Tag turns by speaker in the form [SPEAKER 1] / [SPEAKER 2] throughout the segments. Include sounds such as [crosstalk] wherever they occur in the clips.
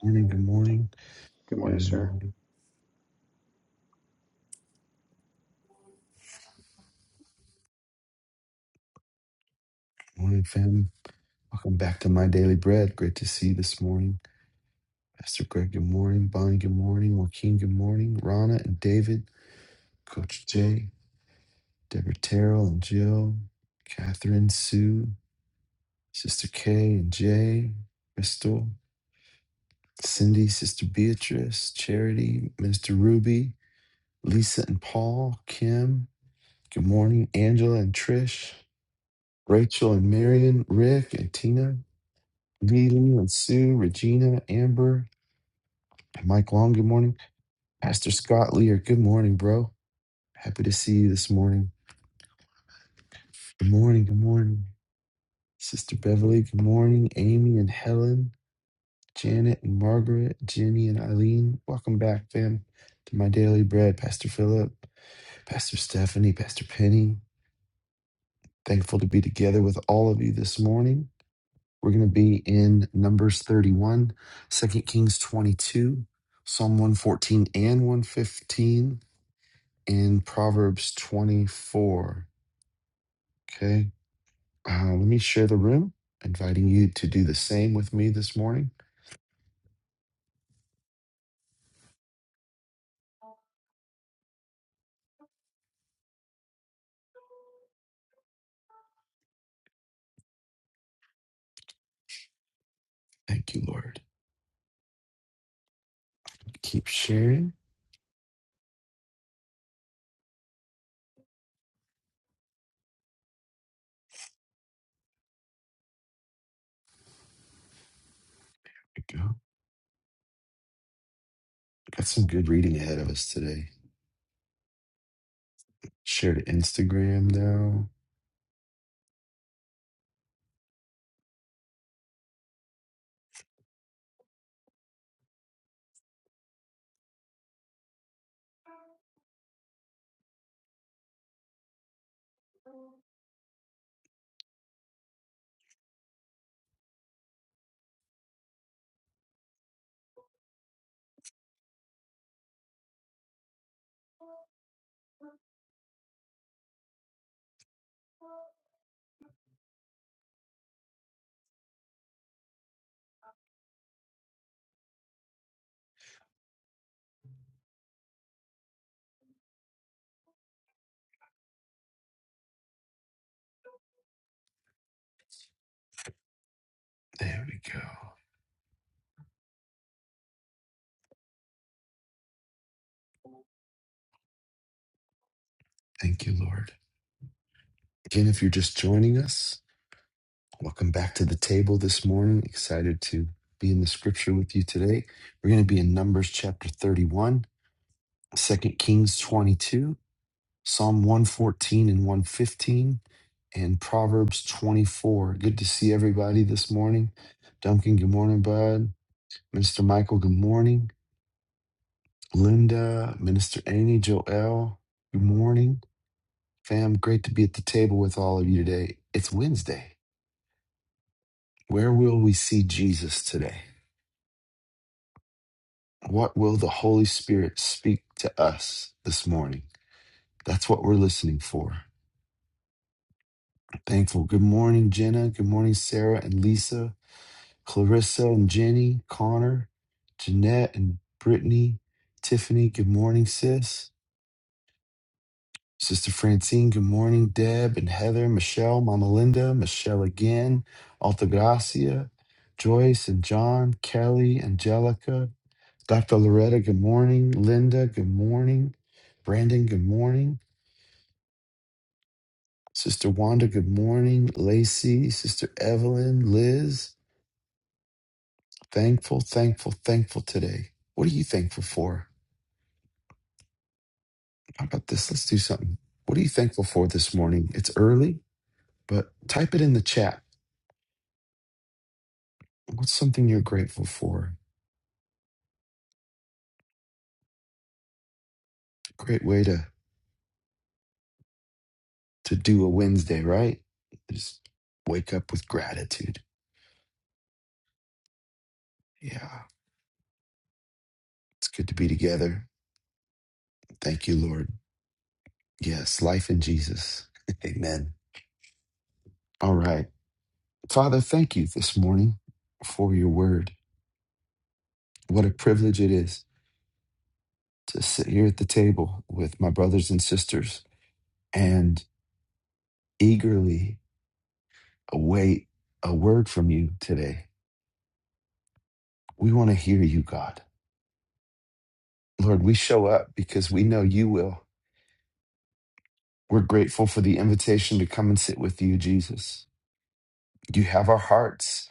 [SPEAKER 1] Morning, good morning.
[SPEAKER 2] Good morning,
[SPEAKER 1] Good
[SPEAKER 2] sir.
[SPEAKER 1] morning. Good morning, fam. Welcome back to My Daily Bread. Great to see you this morning. Pastor Greg, good morning. Bonnie, good morning. Joaquin, good morning. Rana and David, Coach Jay, Deborah Terrell and Jill, Catherine, Sue, Sister Kay and Jay, Crystal, Cindy, Sister Beatrice, Charity, Minister Ruby, Lisa and Paul, Kim, good morning. Angela and Trish, Rachel and Marion, Rick and Tina. Leland and Sue, Regina, Amber, and Mike Long, good morning. Pastor Scott Lear, good morning, bro. Happy to see you this morning. Good morning, good morning. Sister Beverly, good morning. Amy and Helen, Janet and Margaret, Jenny and Eileen. Welcome back, fam, to my daily bread. Pastor Philip, Pastor Stephanie, Pastor Penny. Thankful to be together with all of you this morning. We're going to be in Numbers 31, Second Kings 22, Psalm 114 and 115, and Proverbs 24. Okay. Uh, let me share the room, inviting you to do the same with me this morning. Thank you, Lord. Keep sharing. There we go. Got some good reading ahead of us today. Share to Instagram, now. There we go. Thank you, Lord. Again, if you're just joining us, Welcome back to the table this morning. Excited to be in the scripture with you today. We're going to be in Numbers chapter 31, Second Kings 22, Psalm 114 and 115, and Proverbs 24. Good to see everybody this morning. Duncan, good morning, bud. Minister Michael, good morning. Linda, Minister Amy, Joel, good morning. Fam, great to be at the table with all of you today. It's Wednesday. Where will we see Jesus today? What will the Holy Spirit speak to us this morning? That's what we're listening for. Thankful. Good morning, Jenna. Good morning, Sarah and Lisa, Clarissa and Jenny, Connor, Jeanette and Brittany, Tiffany. Good morning, sis. Sister Francine, good morning, Deb and Heather, Michelle, Mama Linda, Michelle again, Altagracia, Joyce and John, Kelly, Angelica, Dr. Loretta, good morning, Linda, good morning, Brandon, good morning. Sister Wanda, good morning. Lacey, Sister Evelyn, Liz, thankful, thankful, thankful today. What are you thankful for? How about this? Let's do something. What are you thankful for this morning? It's early, but type it in the chat. What's something you're grateful for? Great way to, to do a Wednesday, right? Just wake up with gratitude. Yeah, it's good to be together. Thank you, Lord. Yes, life in Jesus. [laughs] Amen. All right. Father, thank you this morning for your word. What a privilege it is to sit here at the table with my brothers and sisters and eagerly await a word from you today. We want to hear you, God. Lord, we show up because we know you will. We're grateful for the invitation to come and sit with you, Jesus. You have our hearts,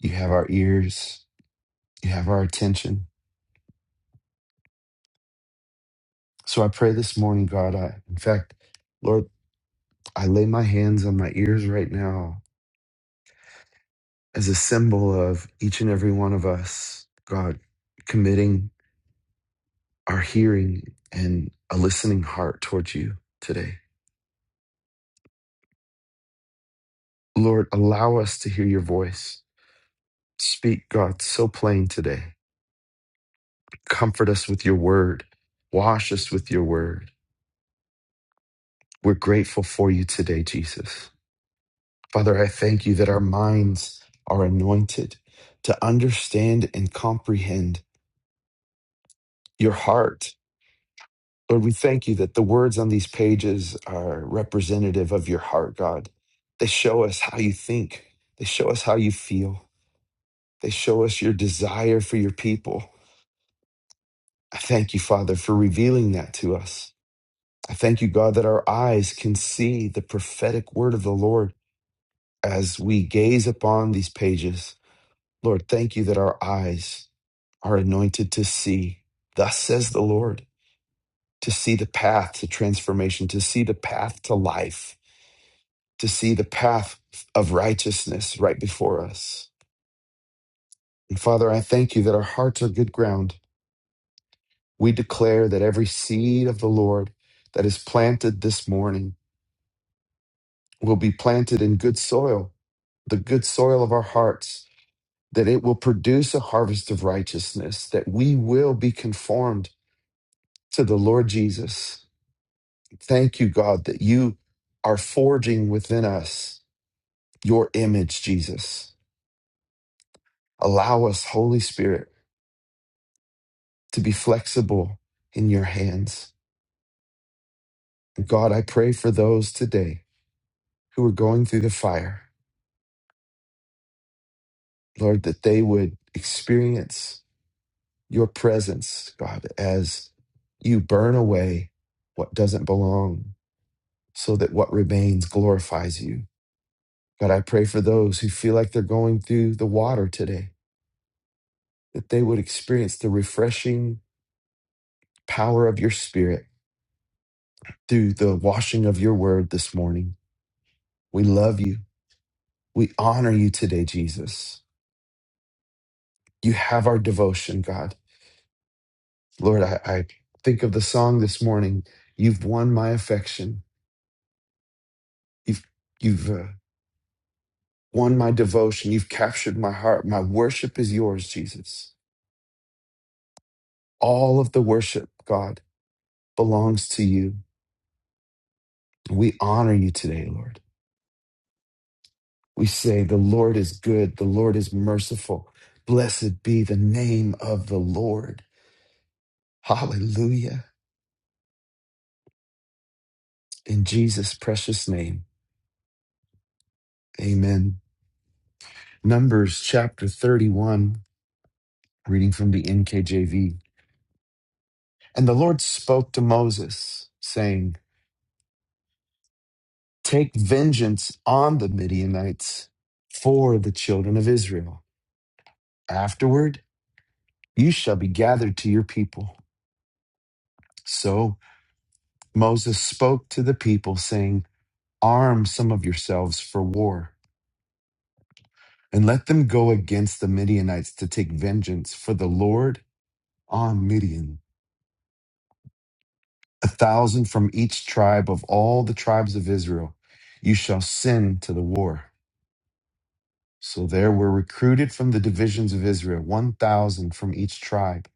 [SPEAKER 1] you have our ears, you have our attention. So I pray this morning, God, I, in fact, Lord, I lay my hands on my ears right now as a symbol of each and every one of us, God, committing our hearing and a listening heart towards you today. Lord, allow us to hear your voice. Speak, God, so plain today. Comfort us with your word. Wash us with your word. We're grateful for you today, Jesus. Father, I thank you that our minds are anointed to understand and comprehend your heart Lord, we thank you that the words on these pages are representative of your heart, God. They show us how you think, they show us how you feel, they show us your desire for your people. I thank you, Father, for revealing that to us. I thank you, God, that our eyes can see the prophetic word of the Lord as we gaze upon these pages. Lord, thank you that our eyes are anointed to see. Thus says the Lord, to see the path to transformation, to see the path to life to see the path of righteousness right before us. And Father, I thank you that our hearts are good ground. We declare that every seed of the Lord that is planted this morning will be planted in good soil, the good soil of our hearts, that it will produce a harvest of righteousness, that we will be conformed to the Lord Jesus. Thank you, God, that you are forging within us your image, Jesus. Allow us, Holy Spirit to be flexible in your hands. And God, I pray for those today who are going through the fire, Lord, that they would experience your presence, God, as you burn away what doesn't belong so that what remains glorifies you. God, I pray for those who feel like they're going through the water today, that they would experience the refreshing power of your spirit through the washing of your word this morning. We love you. We honor you today, Jesus. You have our devotion, God. Lord, I, I think of the song this morning. You've won my affection. You've you've uh, won my devotion. You've captured my heart. My worship is yours, Jesus. All of the worship, God, belongs to you. We honor you today, Lord. We say the Lord is good. The Lord is merciful. Blessed be the name of the Lord. Hallelujah. In Jesus' precious name, Amen. Numbers chapter 31. Reading from the NKJV. And the Lord spoke to Moses, saying, Take vengeance on the Midianites for the children of Israel. Afterward, you shall be gathered to your people. So Moses spoke to the people, saying, Arm some of yourselves for war, and let them go against the Midianites to take vengeance for the Lord on Midian. A thousand from each tribe of all the tribes of Israel you shall send to the war. So there were recruited from the divisions of Israel 1,000 from each tribe,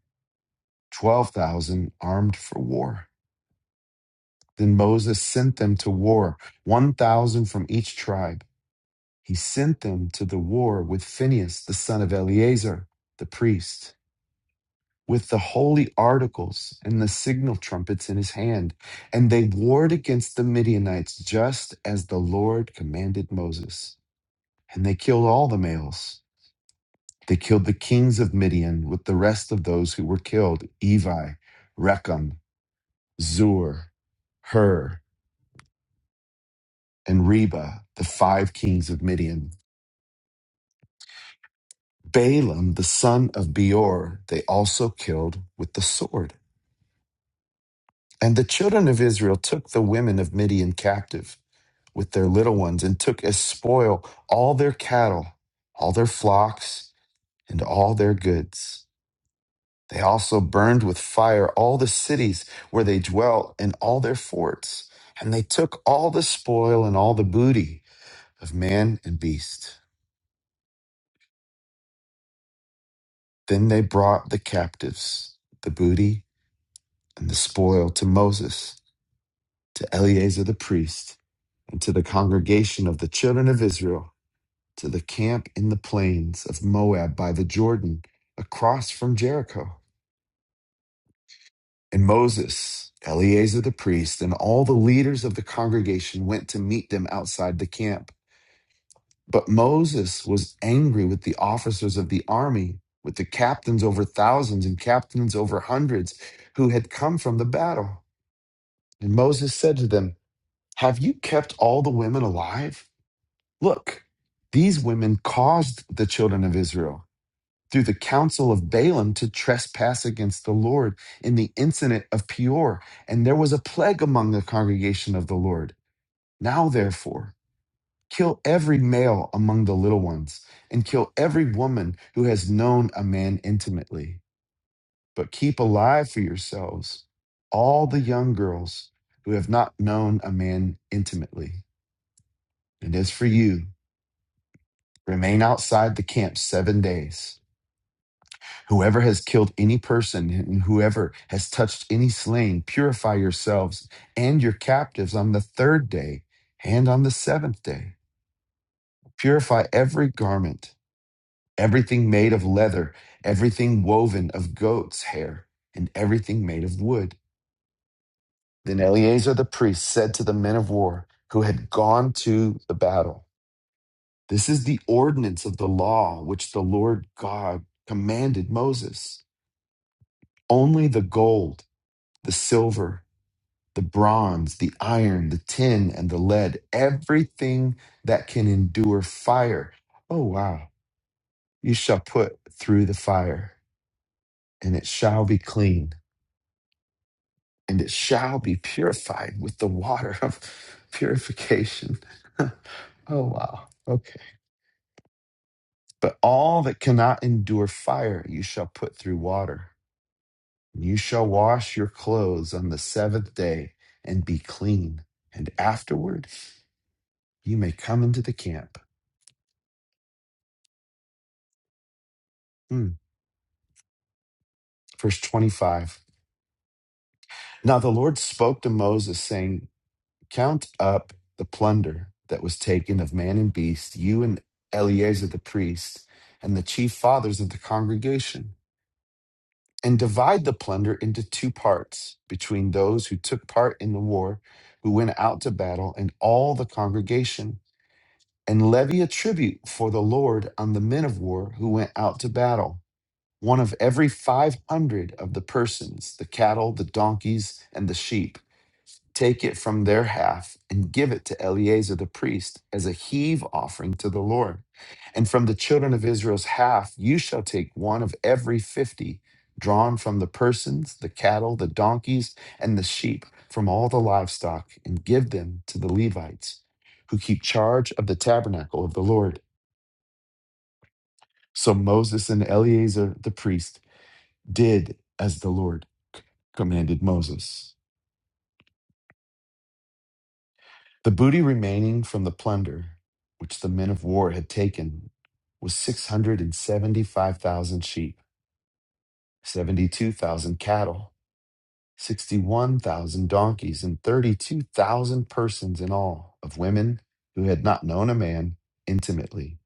[SPEAKER 1] 12,000 armed for war. Then Moses sent them to war, 1,000 from each tribe. He sent them to the war with Phinehas, the son of Eleazar, the priest, with the holy articles and the signal trumpets in his hand. And they warred against the Midianites just as the Lord commanded Moses. And they killed all the males They killed the kings of Midian with the rest of those who were killed Evi, Rechem, Zur, Hur, and Reba, the five kings of Midian. Balaam, the son of Beor, they also killed with the sword. And the children of Israel took the women of Midian captive with their little ones and took as spoil all their cattle, all their flocks, and all their goods. They also burned with fire all the cities where they dwelt and all their forts, and they took all the spoil and all the booty of man and beast. Then they brought the captives, the booty and the spoil to Moses, to Eleazar the priest, and to the congregation of the children of Israel, to the camp in the plains of Moab by the Jordan, across from Jericho. And Moses, Eleazar the priest, and all the leaders of the congregation went to meet them outside the camp. But Moses was angry with the officers of the army, with the captains over thousands and captains over hundreds who had come from the battle. And Moses said to them, Have you kept all the women alive? Look, these women caused the children of Israel through the counsel of Balaam to trespass against the Lord in the incident of Peor. And there was a plague among the congregation of the Lord. Now, therefore, kill every male among the little ones, and kill every woman who has known a man intimately. But keep alive for yourselves all the young girls who have not known a man intimately. And as for you, remain outside the camp seven days. Whoever has killed any person and whoever has touched any slain, purify yourselves and your captives on the third day and on the seventh day. Purify every garment, everything made of leather, everything woven of goat's hair, and everything made of wood. Then Eleazar the priest said to the men of war who had gone to the battle, This is the ordinance of the law which the Lord God commanded Moses. Only the gold, the silver, the bronze, the iron, the tin, and the lead, everything that can endure fire. Oh, wow. You shall put through the fire, and it shall be clean, and it shall be purified with the water of [laughs] purification. Oh, wow. Okay. But all that cannot endure fire, you shall put through water. And you shall wash your clothes on the seventh day and be clean. And afterward, you may come into the camp. Hmm. verse 25. Now the Lord spoke to Moses, saying, Count up the plunder that was taken of man and beast, you and Eleazar the priest, and the chief fathers of the congregation, and divide the plunder into two parts between those who took part in the war, who went out to battle, and all the congregation, and levy a tribute for the Lord on the men of war who went out to battle one of every 500 of the persons, the cattle, the donkeys, and the sheep. Take it from their half and give it to Eleazar the priest as a heave offering to the Lord. And from the children of Israel's half, you shall take one of every fifty drawn from the persons, the cattle, the donkeys, and the sheep from all the livestock, and give them to the Levites who keep charge of the tabernacle of the Lord. So Moses and Eleazar the priest did as the Lord commanded Moses. The booty remaining from the plunder, which the men of war had taken, was 675,000 sheep, 72,000 cattle, 61,000 donkeys, and 32,000 persons in all, of women who had not known a man intimately.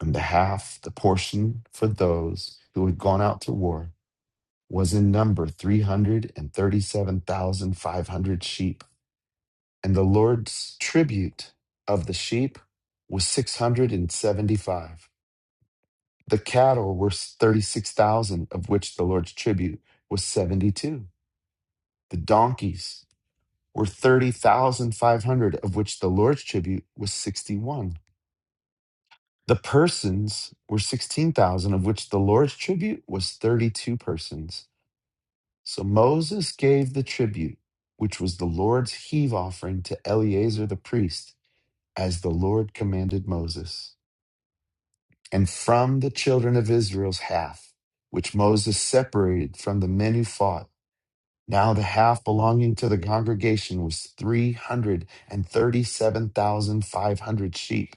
[SPEAKER 1] And the half, the portion for those who had gone out to war, was in number 337,500 sheep. And the Lord's tribute of the sheep was 675. The cattle were 36,000, of which the Lord's tribute was 72. The donkeys were 30,500, of which the Lord's tribute was 61. The persons were 16,000, of which the Lord's tribute was 32 persons. So Moses gave the tribute, which was the Lord's heave offering, to Eleazar the priest, as the Lord commanded Moses. and from the children of Israel's half, which Moses separated from the men who fought. Now the half belonging to the congregation was 337,500 sheep,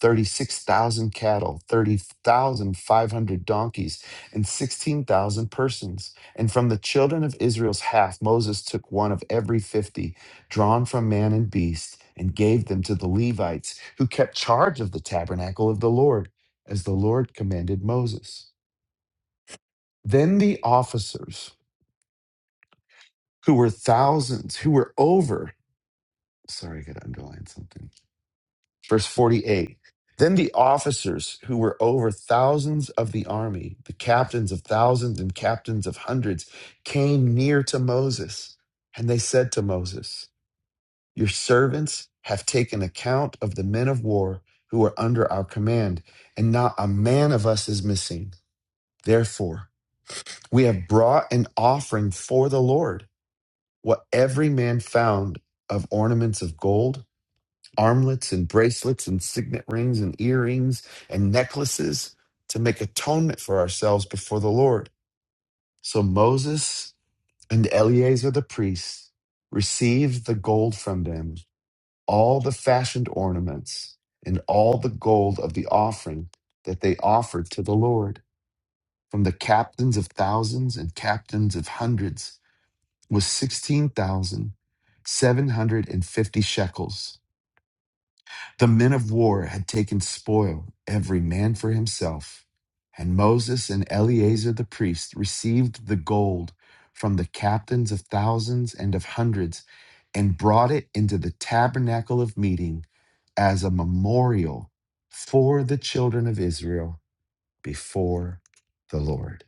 [SPEAKER 1] 36,000 cattle, 30,500 donkeys, and 16,000 persons. And from the children of Israel's half, Moses took one of every 50, drawn from man and beast, and gave them to the Levites, who kept charge of the tabernacle of the Lord, as the Lord commanded Moses. Then the officers, who were thousands, who were over Sorry, I got to underline something. Verse 48. Then the officers who were over thousands of the army, the captains of thousands and captains of hundreds, came near to Moses. And they said to Moses, Your servants have taken account of the men of war who are under our command, and not a man of us is missing. Therefore, we have brought an offering for the Lord, what every man found of ornaments of gold armlets and bracelets and signet rings and earrings and necklaces to make atonement for ourselves before the Lord. So Moses and Eleazar the priest received the gold from them, all the fashioned ornaments, and all the gold of the offering that they offered to the Lord. From the captains of thousands and captains of hundreds was 16,750 shekels The men of war had taken spoil, every man for himself. And Moses and Eleazar the priest received the gold from the captains of thousands and of hundreds and brought it into the tabernacle of meeting as a memorial for the children of Israel before the Lord.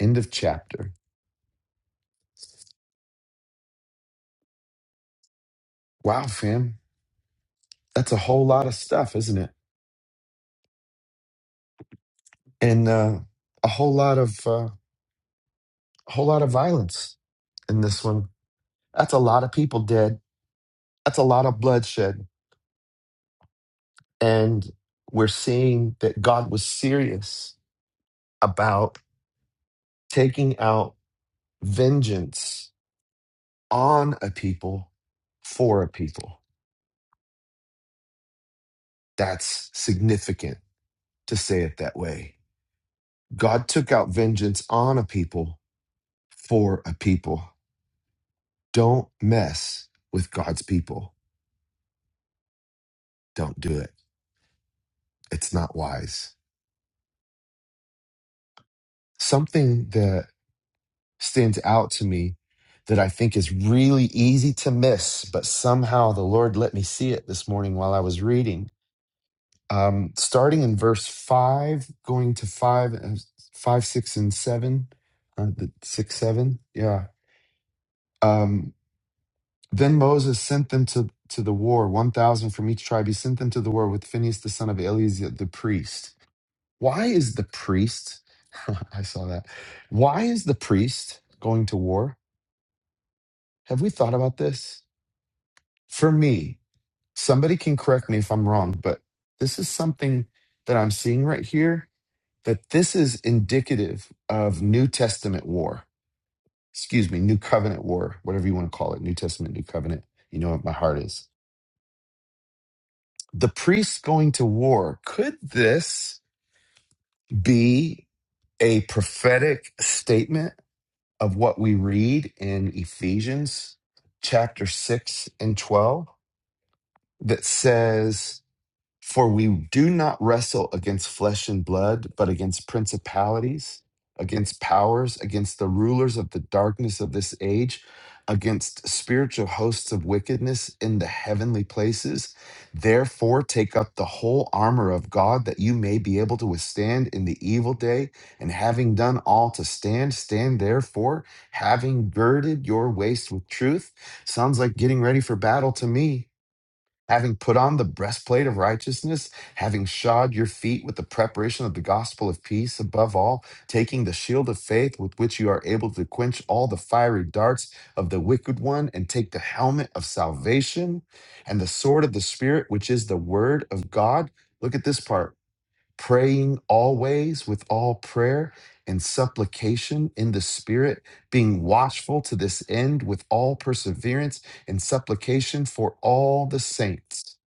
[SPEAKER 1] End of chapter. Wow, fam. That's a whole lot of stuff, isn't it? And uh, a whole lot of uh, a whole lot of violence in this one That's a lot of people dead. That's a lot of bloodshed. And we're seeing that God was serious about taking out vengeance on a people for a people. That's significant to say it that way. God took out vengeance on a people for a people. Don't mess with God's people. Don't do it. It's not wise. Something that stands out to me that I think is really easy to miss, but somehow the Lord let me see it this morning while I was reading. Um, starting in verse five, going to five, and- five, six, and seven, uh, the- six, seven, yeah. Um, then Moses sent them to to the war, one thousand from each tribe. He sent them to the war with Phinehas the son of Eleazar the priest. Why is the priest? [laughs] I saw that. Why is the priest going to war? Have we thought about this? for me, somebody can correct me if I'm wrong, but this is something that I'm seeing right here that this is indicative of New Testament war. Excuse me, New Covenant war, whatever you want to call it, New Testament, New Covenant. You know what my heart is. The priests going to war. Could this be a prophetic statement of what we read in Ephesians chapter 6 and 12 that says, For we do not wrestle against flesh and blood, but against principalities, against powers, against the rulers of the darkness of this age, against spiritual hosts of wickedness in the heavenly places. Therefore, take up the whole armor of God that you may be able to withstand in the evil day. And having done all to stand, stand therefore, having girded your waist with truth. Sounds like getting ready for battle to me having put on the breastplate of righteousness, having shod your feet with the preparation of the gospel of peace, above all, taking the shield of faith with which you are able to quench all the fiery darts of the wicked one, and take the helmet of salvation and the sword of the Spirit, which is the word of God. Look at this part praying always with all prayer and supplication in the Spirit, being watchful to this end with all perseverance and supplication for all the saints.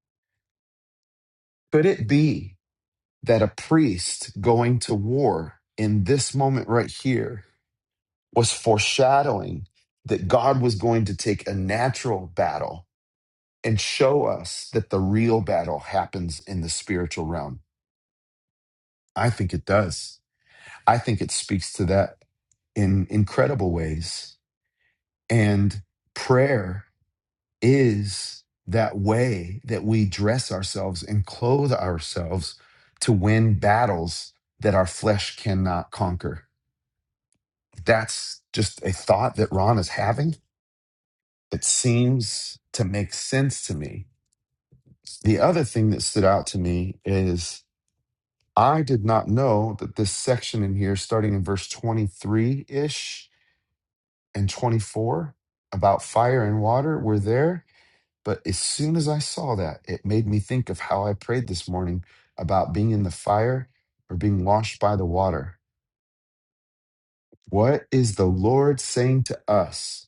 [SPEAKER 1] Could it be that a priest going to war in this moment right here was foreshadowing that God was going to take a natural battle and show us that the real battle happens in the spiritual realm? I think it does. I think it speaks to that in incredible ways. And prayer is that way that we dress ourselves and clothe ourselves to win battles that our flesh cannot conquer. That's just a thought that Ron is having. It seems to make sense to me. The other thing that stood out to me is I did not know that this section in here, starting in verse 23 ish, and 24 about fire and water were there. But as soon as I saw that, it made me think of how I prayed this morning about being in the fire or being washed by the water. What is the Lord saying to us?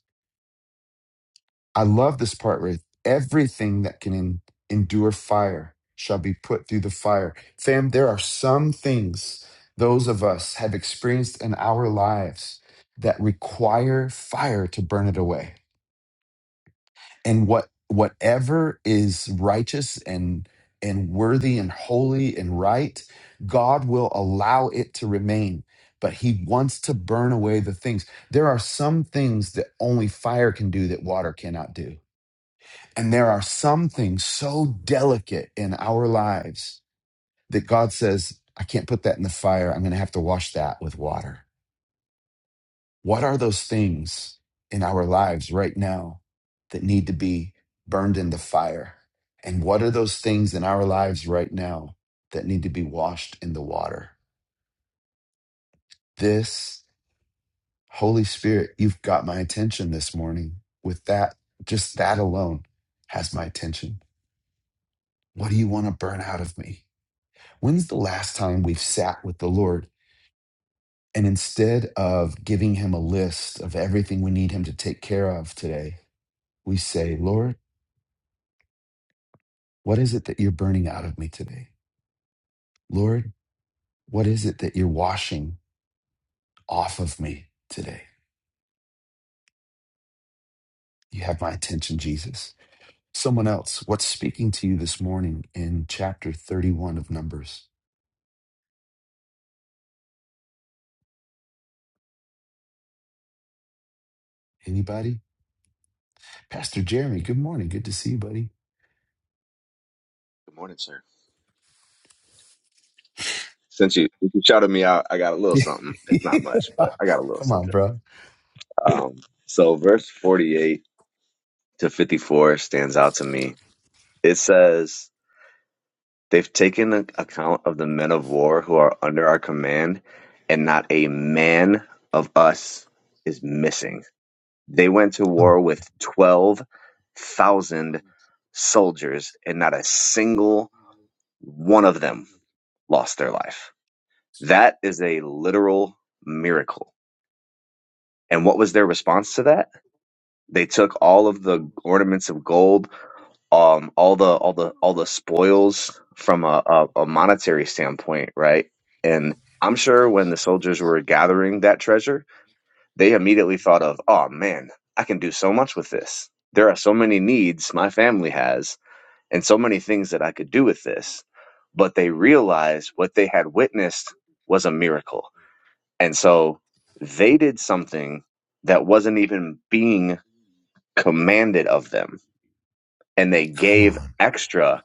[SPEAKER 1] I love this part where everything that can en- endure fire shall be put through the fire. Fam, there are some things those of us have experienced in our lives that require fire to burn it away and what whatever is righteous and and worthy and holy and right god will allow it to remain but he wants to burn away the things there are some things that only fire can do that water cannot do and there are some things so delicate in our lives that god says i can't put that in the fire i'm going to have to wash that with water what are those things in our lives right now that need to be burned in the fire? And what are those things in our lives right now that need to be washed in the water? This, Holy Spirit, you've got my attention this morning. With that, just that alone has my attention. What do you want to burn out of me? When's the last time we've sat with the Lord and instead of giving him a list of everything we need him to take care of today, we say, Lord, What is it that you're burning out of me today? Lord, what is it that you're washing off of me today? You have my attention, Jesus. Someone else, what's speaking to you this morning in chapter 31 of Numbers? Anybody? Pastor Jeremy, good morning. Good to see you, buddy.
[SPEAKER 3] Good morning, sir. Since you, since you shouted me out, I got a little something.
[SPEAKER 1] [laughs]
[SPEAKER 3] It's not much, but I got a little
[SPEAKER 1] Come on,
[SPEAKER 3] something.
[SPEAKER 1] bro.
[SPEAKER 3] Um, so verse 48 to 54 stands out to me. It says, They've taken a- account of the men of war who are under our command, and not a man of us is missing. They went to war with 12,000 soldiers, and not a single one of them lost their life. That is a literal miracle And what was their response to that? They took all of the
[SPEAKER 1] Um,
[SPEAKER 3] ornaments of gold, um, all the all the all the spoils from a, a, a monetary standpoint, right? And I'm sure when the soldiers were gathering that treasure, they immediately thought of, "Oh man, I can do so much with this. There are so many needs my family has, and so many things that I could do with this." But they realized what they had witnessed was a miracle, and so they did something that wasn't even being commanded of them, and they
[SPEAKER 1] Come
[SPEAKER 3] gave
[SPEAKER 1] on.
[SPEAKER 3] extra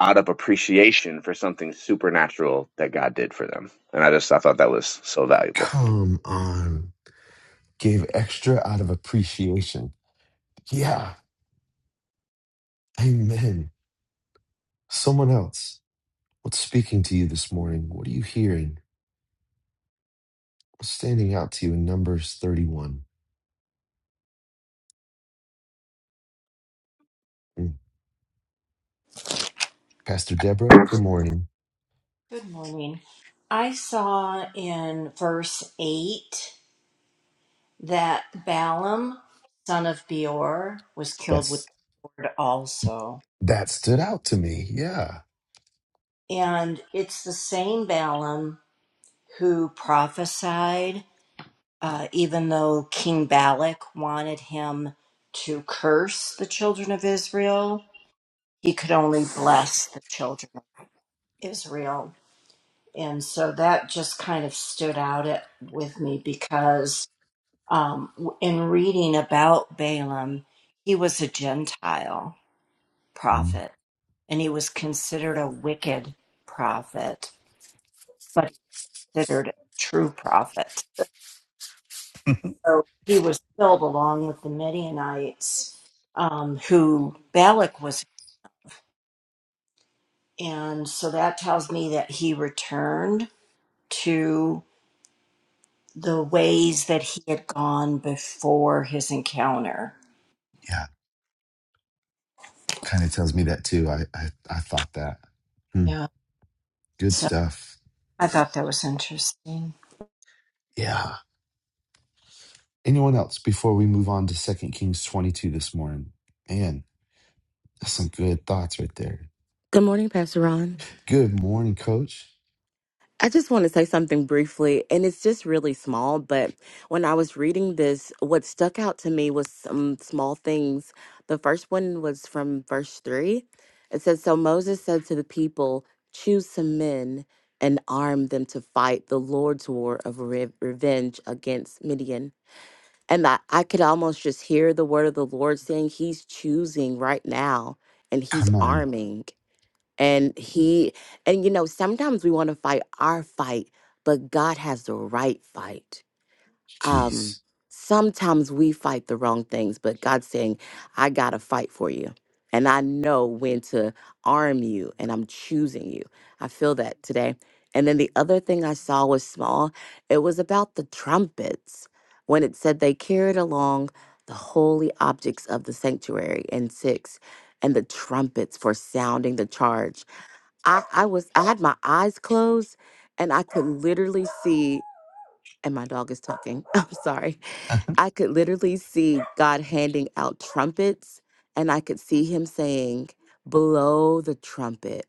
[SPEAKER 3] out of appreciation for something supernatural that God did for them. And I just I thought that was so valuable.
[SPEAKER 1] Come on. Gave extra out of appreciation. Yeah. Amen. Someone else. What's speaking to you this morning? What are you hearing? What's standing out to you in Numbers 31? Mm. Pastor Deborah, good morning.
[SPEAKER 4] Good morning. I saw in verse 8 that Balaam, son of Beor, was killed with
[SPEAKER 1] That's
[SPEAKER 4] the sword also.
[SPEAKER 1] that stood out to me. Yeah.
[SPEAKER 4] And it's the same Balaam who prophesied, uh, even though King Balak wanted him to curse the children of Israel, he could only bless the children of Israel. And so that just kind of stood out at, with me because um, in reading about Balaam, he was a Gentile
[SPEAKER 1] Mm.
[SPEAKER 4] prophet and he was considered a wicked prophet, but considered a true prophet. So he was killed along with the Midianites um, who Balak was. And so that tells me that he returned to the ways that he had gone before his encounter.
[SPEAKER 1] Yeah. Kind of tells me that too. I I, I thought that. Mm.
[SPEAKER 4] Yeah.
[SPEAKER 1] Good
[SPEAKER 4] So
[SPEAKER 1] stuff.
[SPEAKER 4] I thought that was interesting.
[SPEAKER 1] Yeah. Anyone else before we move on to Second Kings 22 this morning? Man, that's some good thoughts right there.
[SPEAKER 5] Good morning, Pastor Ron.
[SPEAKER 1] Good morning, coach.
[SPEAKER 5] I just want to say something briefly, and it's just really small. But when I was reading this, what stuck out to me was some small things. The first one was from verse three. It says, So Moses said to the people, 'Choose some men and arm them to fight the Lord's war of re- revenge against Midian. And I, I could almost just hear the word of the Lord saying, He's choosing right now and He's
[SPEAKER 1] Come on.
[SPEAKER 5] arming. And he, and you know, sometimes we want to fight our fight, but God has the right fight. Um,
[SPEAKER 1] Jeez.
[SPEAKER 5] sometimes we fight the wrong things, but God's saying, I got to fight for you. And I know when to arm you, and I'm choosing you. I feel that today. And then the other thing I saw was small. It was about the trumpets when it said they carried along the holy objects of the sanctuary and six, and the trumpets for sounding the charge. I, I was I had my eyes closed and I could literally see and my dog is talking. [laughs] I'm sorry.
[SPEAKER 1] [laughs]
[SPEAKER 5] I could literally see God handing out trumpets and I could see him saying, "Blow the trumpet.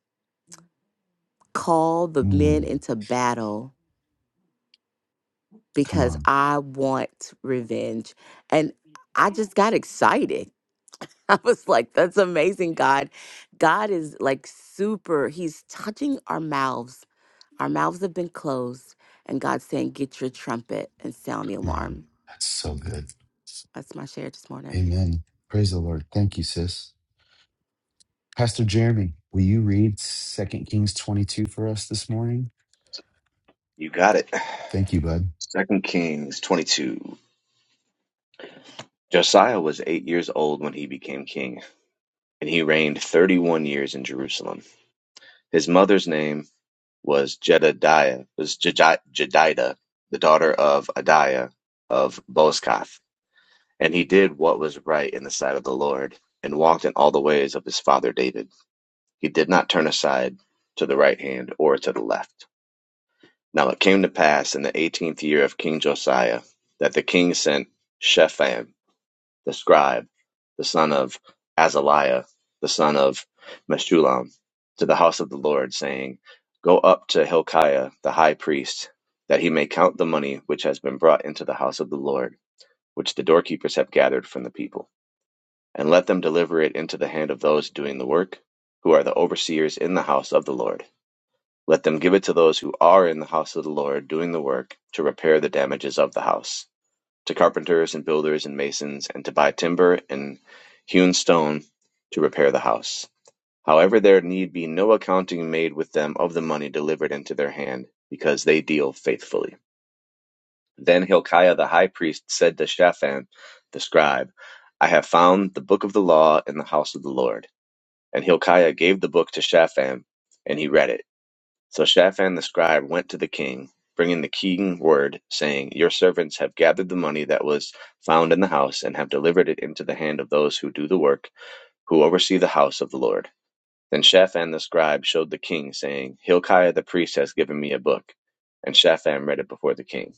[SPEAKER 5] Call the men
[SPEAKER 1] Mm,
[SPEAKER 5] into battle
[SPEAKER 1] come
[SPEAKER 5] because
[SPEAKER 1] on.
[SPEAKER 5] I want revenge." And I just got excited. [laughs] I was like, "That's amazing, God. God is like super. He's touching our mouths Our mouths have been closed, and God's saying, Get your trumpet and sound the
[SPEAKER 1] Come on.
[SPEAKER 5] alarm.
[SPEAKER 1] That's so good.
[SPEAKER 5] That's my share this morning.
[SPEAKER 1] Amen. Praise the Lord. Thank you, sis. Pastor Jeremy, will you read Second Kings 22 for us this morning?
[SPEAKER 3] You got it.
[SPEAKER 1] Thank you, bud.
[SPEAKER 3] Second Kings twenty two. Josiah was eight years old when he became king, and he reigned thirty one years in Jerusalem. His mother's name was Jedidiah was Jedidah, the daughter of Adiah of Bozkath. And he did what was right in the sight of the Lord, and walked in all the ways of his father David. He did not turn aside to the right hand or to the left. Now it came to pass in the eighteenth year of King Josiah that the king sent Shepham, the scribe, the son of Azaliah, the son of Meshullam, to the house of the Lord, saying, Go up to Hilkiah the high priest, that he may count the money which has been brought into the house of the Lord, which the doorkeepers have gathered from the people and let them deliver it into the hand of those doing the work, who are the overseers in the house of the Lord. Let them give it to those who are in the house of the Lord doing the work to repair the damages of the house, to carpenters and builders and masons, and to buy timber and hewn stone to repair the house. However, there need be no accounting made with them of the money delivered into their hand, because they deal faithfully. Then Hilkiah the high priest said to Shaphan the scribe, I have found the book of the law in the house of the Lord. And Hilkiah gave the book to Shaphan, and he read it. So Shaphan the scribe went to the king, bringing the king word, saying, Your servants have gathered the money that was found in the house, and have delivered it into the hand of those who do the work, who oversee the house of the Lord. Then Shaphan the scribe showed the king, saying, Hilkiah the priest has given me a book. And Shaphan read it before the king.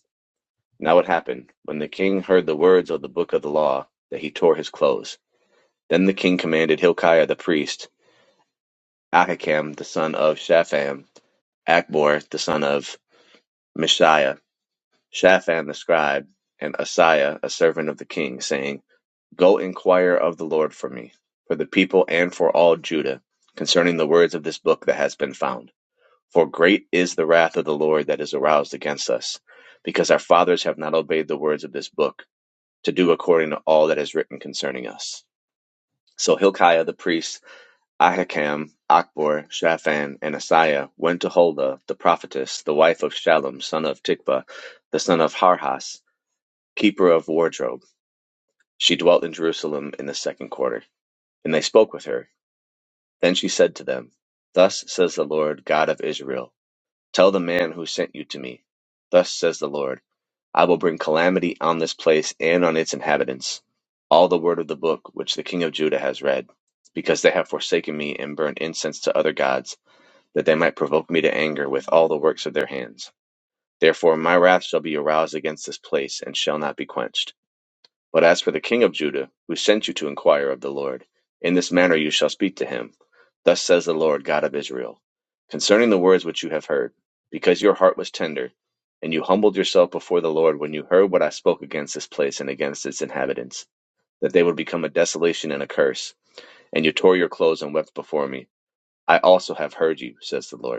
[SPEAKER 3] Now it happened, when the king heard the words of the book of the law, that he tore his clothes. Then the king commanded Hilkiah the priest, Ahikam the son of Shaphan, Achbor the son of Mishiah, Shaphan the scribe, and Asaiah, a servant of the king, saying, Go inquire of the Lord for me, for the people and for all Judah, concerning the words of this book that has been found. For great is the wrath of the Lord that is aroused against us, because our fathers have not obeyed the words of this book, to do according to all that is written concerning us. So Hilkiah the priest Ahikam, Achbor, Shaphan, and Asaiah went to Huldah the prophetess, the wife of Shallum son of Tikva, the son of Harhas, keeper of wardrobe. She dwelt in Jerusalem in the second quarter. And they spoke with her. Then she said to them, Thus says the Lord God of Israel, Tell the man who sent you to me. Thus says the Lord, I will bring calamity on this place and on its inhabitants. All the word of the book which the king of Judah has read, because they have forsaken me and burned incense to other gods that they might provoke me to anger with all the works of their hands. Therefore my wrath shall be aroused against this place, and shall not be quenched. But as for the king of Judah, who sent you to inquire of the Lord, in this manner you shall speak to him. Thus says the Lord God of Israel, concerning the words which you have heard, because your heart was tender, and you humbled yourself before the Lord when you heard what I spoke against this place and against its inhabitants, that they would become a desolation and a curse, and you tore your clothes and wept before me. I also have heard you, says the Lord.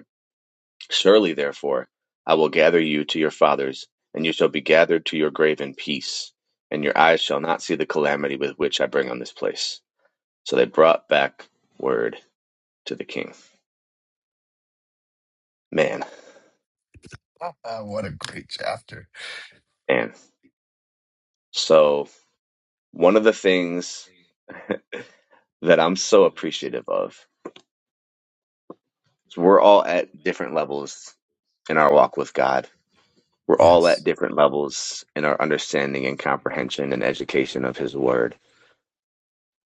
[SPEAKER 3] Surely, therefore, I will gather you to your fathers, and you shall be gathered to your grave in peace, and your eyes shall not see the calamity with which I bring on this place. So they brought back word to the king. Man,
[SPEAKER 1] [laughs] what a great chapter.
[SPEAKER 3] man. So, one of the things that I'm so appreciative of is we're all at different levels in our walk with God. We're all at
[SPEAKER 1] Yes.
[SPEAKER 3] different levels in our understanding and comprehension and education of His Word.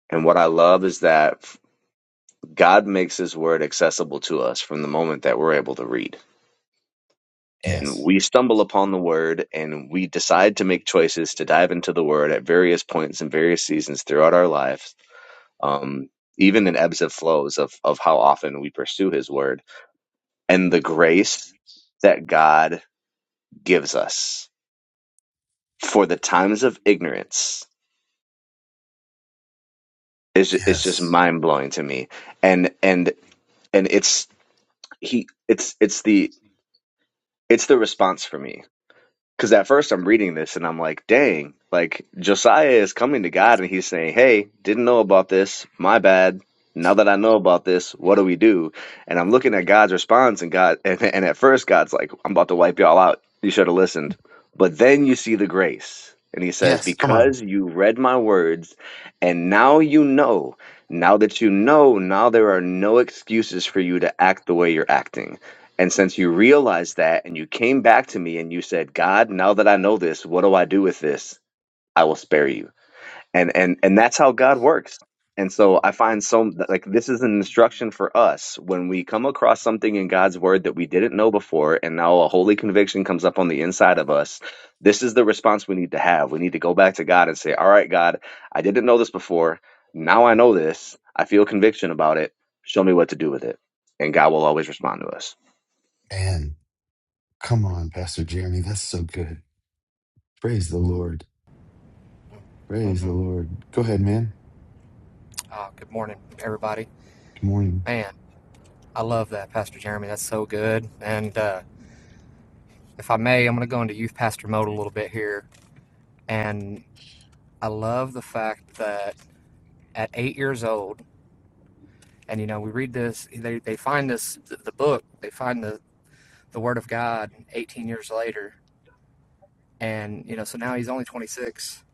[SPEAKER 3] And what I love is that God makes His Word accessible to us from the moment that we're able to read. And
[SPEAKER 1] Yes.
[SPEAKER 3] we stumble upon the Word and we decide to make choices to dive into the Word at various points and various seasons throughout our lives, um, even in ebbs and flows of, of how often we pursue His Word and the grace that God gives us for the times of ignorance is is just
[SPEAKER 1] Yes.
[SPEAKER 3] mind blowing to me. And and and it's he it's it's the it's the response for me Because at first I'm reading this and I'm like, dang, like Josiah is coming to God and he's saying, hey, didn't know about this. My bad. Now that I know about this, what do we do? And I'm looking at God's response and God, [laughs] and, and at first God's like, I'm about to wipe y'all out. You should have listened. But then you see the grace and he says,
[SPEAKER 1] Yes. Come on.
[SPEAKER 3] because you read my words and now you know, now that you know, now there are no excuses for you to act the way you're acting and since you realized that and you came back to me and you said, God, now that I know this, what do I do with this? I will spare you. And and and that's how God works. And so I find so like this is an instruction for us when we come across something in God's word that we didn't know before and now a holy conviction comes up on the inside of us. This is the response we need to have. We need to go back to God and say, "All right, God, I didn't know this before. Now I know this. I feel conviction about it. Show me what to do with it." And God will always respond to us.
[SPEAKER 1] And come on, Pastor Jeremy. That's so good. Praise the Lord. Praise
[SPEAKER 6] Mm-hmm.
[SPEAKER 1] the Lord. Go ahead, man.
[SPEAKER 6] Oh, good morning, everybody.
[SPEAKER 1] Good morning.
[SPEAKER 6] Man, I love that, Pastor Jeremy. That's so good. And uh, if I may, I'm going to go into youth pastor mode a little bit here. And I love the fact that at eight years old, and you know, we read this, they, they find this, the, the book, they find the, the Word of God 18 years later. And, you know, so now he's only 26.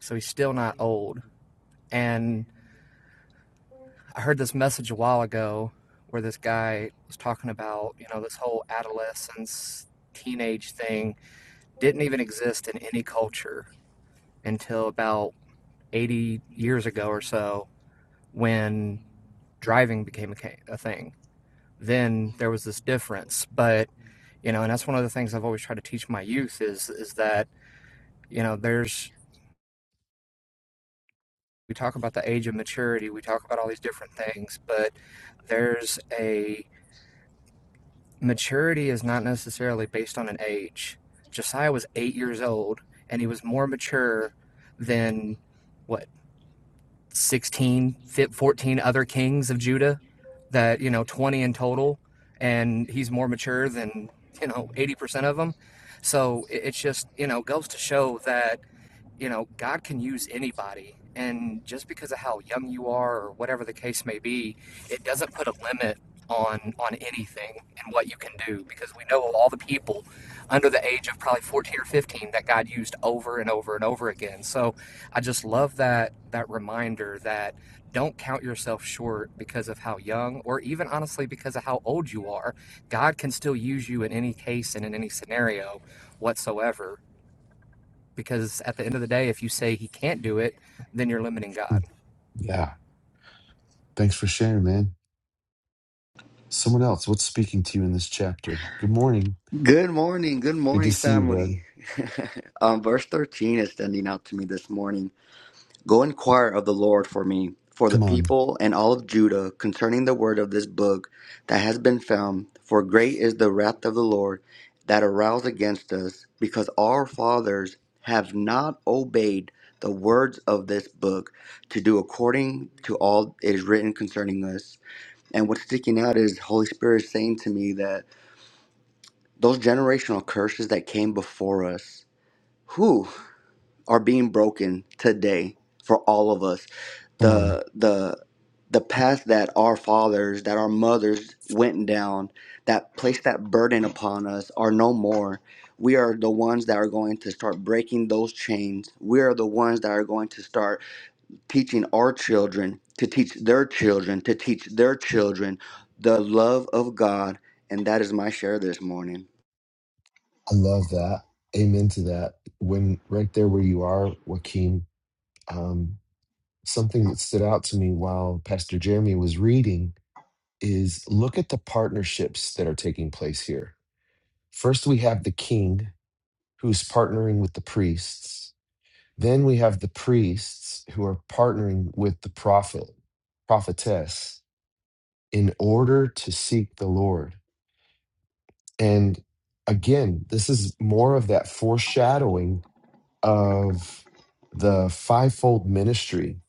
[SPEAKER 6] So he's still not old. And I heard this message a while ago where this guy was talking about, you know, this whole adolescence, teenage thing didn't even exist in any culture until about 80 years ago or so when driving became a, a thing. Then there was this difference, but you know, and that's one of the things I've always tried to teach my youth is is that, you know, there's we talk about the age of maturity, we talk about all these different things, but there's a maturity is not necessarily based on an age. Josiah was eight years old and he was more mature than what 16, 14 other kings of Judah that, you know, 20 in total. And he's more mature than, you know, 80% of them. So it- it's just, you know, goes to show that you know, God can use anybody. And just because of how young you are or whatever the case may be, it doesn't put a limit on on anything and what you can do because we know of all the people under the age of probably 14 or 15 that God used over and over and over again. So I just love that that reminder that don't count yourself short because of how young or even honestly because of how old you are. God can still use you in any case and in any scenario whatsoever because at the end of the day, if you say he can't do it, then you're limiting God.
[SPEAKER 1] Yeah. Thanks for sharing, man. Someone else, what's speaking to you in this chapter? Good morning.
[SPEAKER 7] Good morning, good
[SPEAKER 1] Good to
[SPEAKER 7] morning,
[SPEAKER 1] see you, bud.
[SPEAKER 7] family. [laughs] um, verse 13 is standing out to me this morning. Go inquire of the Lord for me, for the
[SPEAKER 1] Come on.
[SPEAKER 7] people and all of Judah, concerning the word of this book that has been found. For great is the wrath of the Lord that aroused against us, because our fathers have not obeyed the words of this book to do according to all it is written concerning us. And what's sticking out is Holy Spirit is saying to me that those generational curses that came before us, who are being broken today for all of us.
[SPEAKER 1] Come on.
[SPEAKER 7] The the the path that our fathers, that our mothers went down, that placed that burden upon us are no more. We are the ones that are going to start breaking those chains. We are the ones that are going to start teaching our children to teach their children to teach their children the love of God. And that is my share this morning.
[SPEAKER 1] I love that. Amen to that. When right there where you are, Joaquin, Um. something that stood out to me while Pastor Jeremy was reading is look at the partnerships that are taking place here. First, we have the king who's partnering with the priests. Then we have the priests who are partnering with the prophet, prophetess, in order to seek the Lord. And again, this is more of that foreshadowing of the fivefold ministry,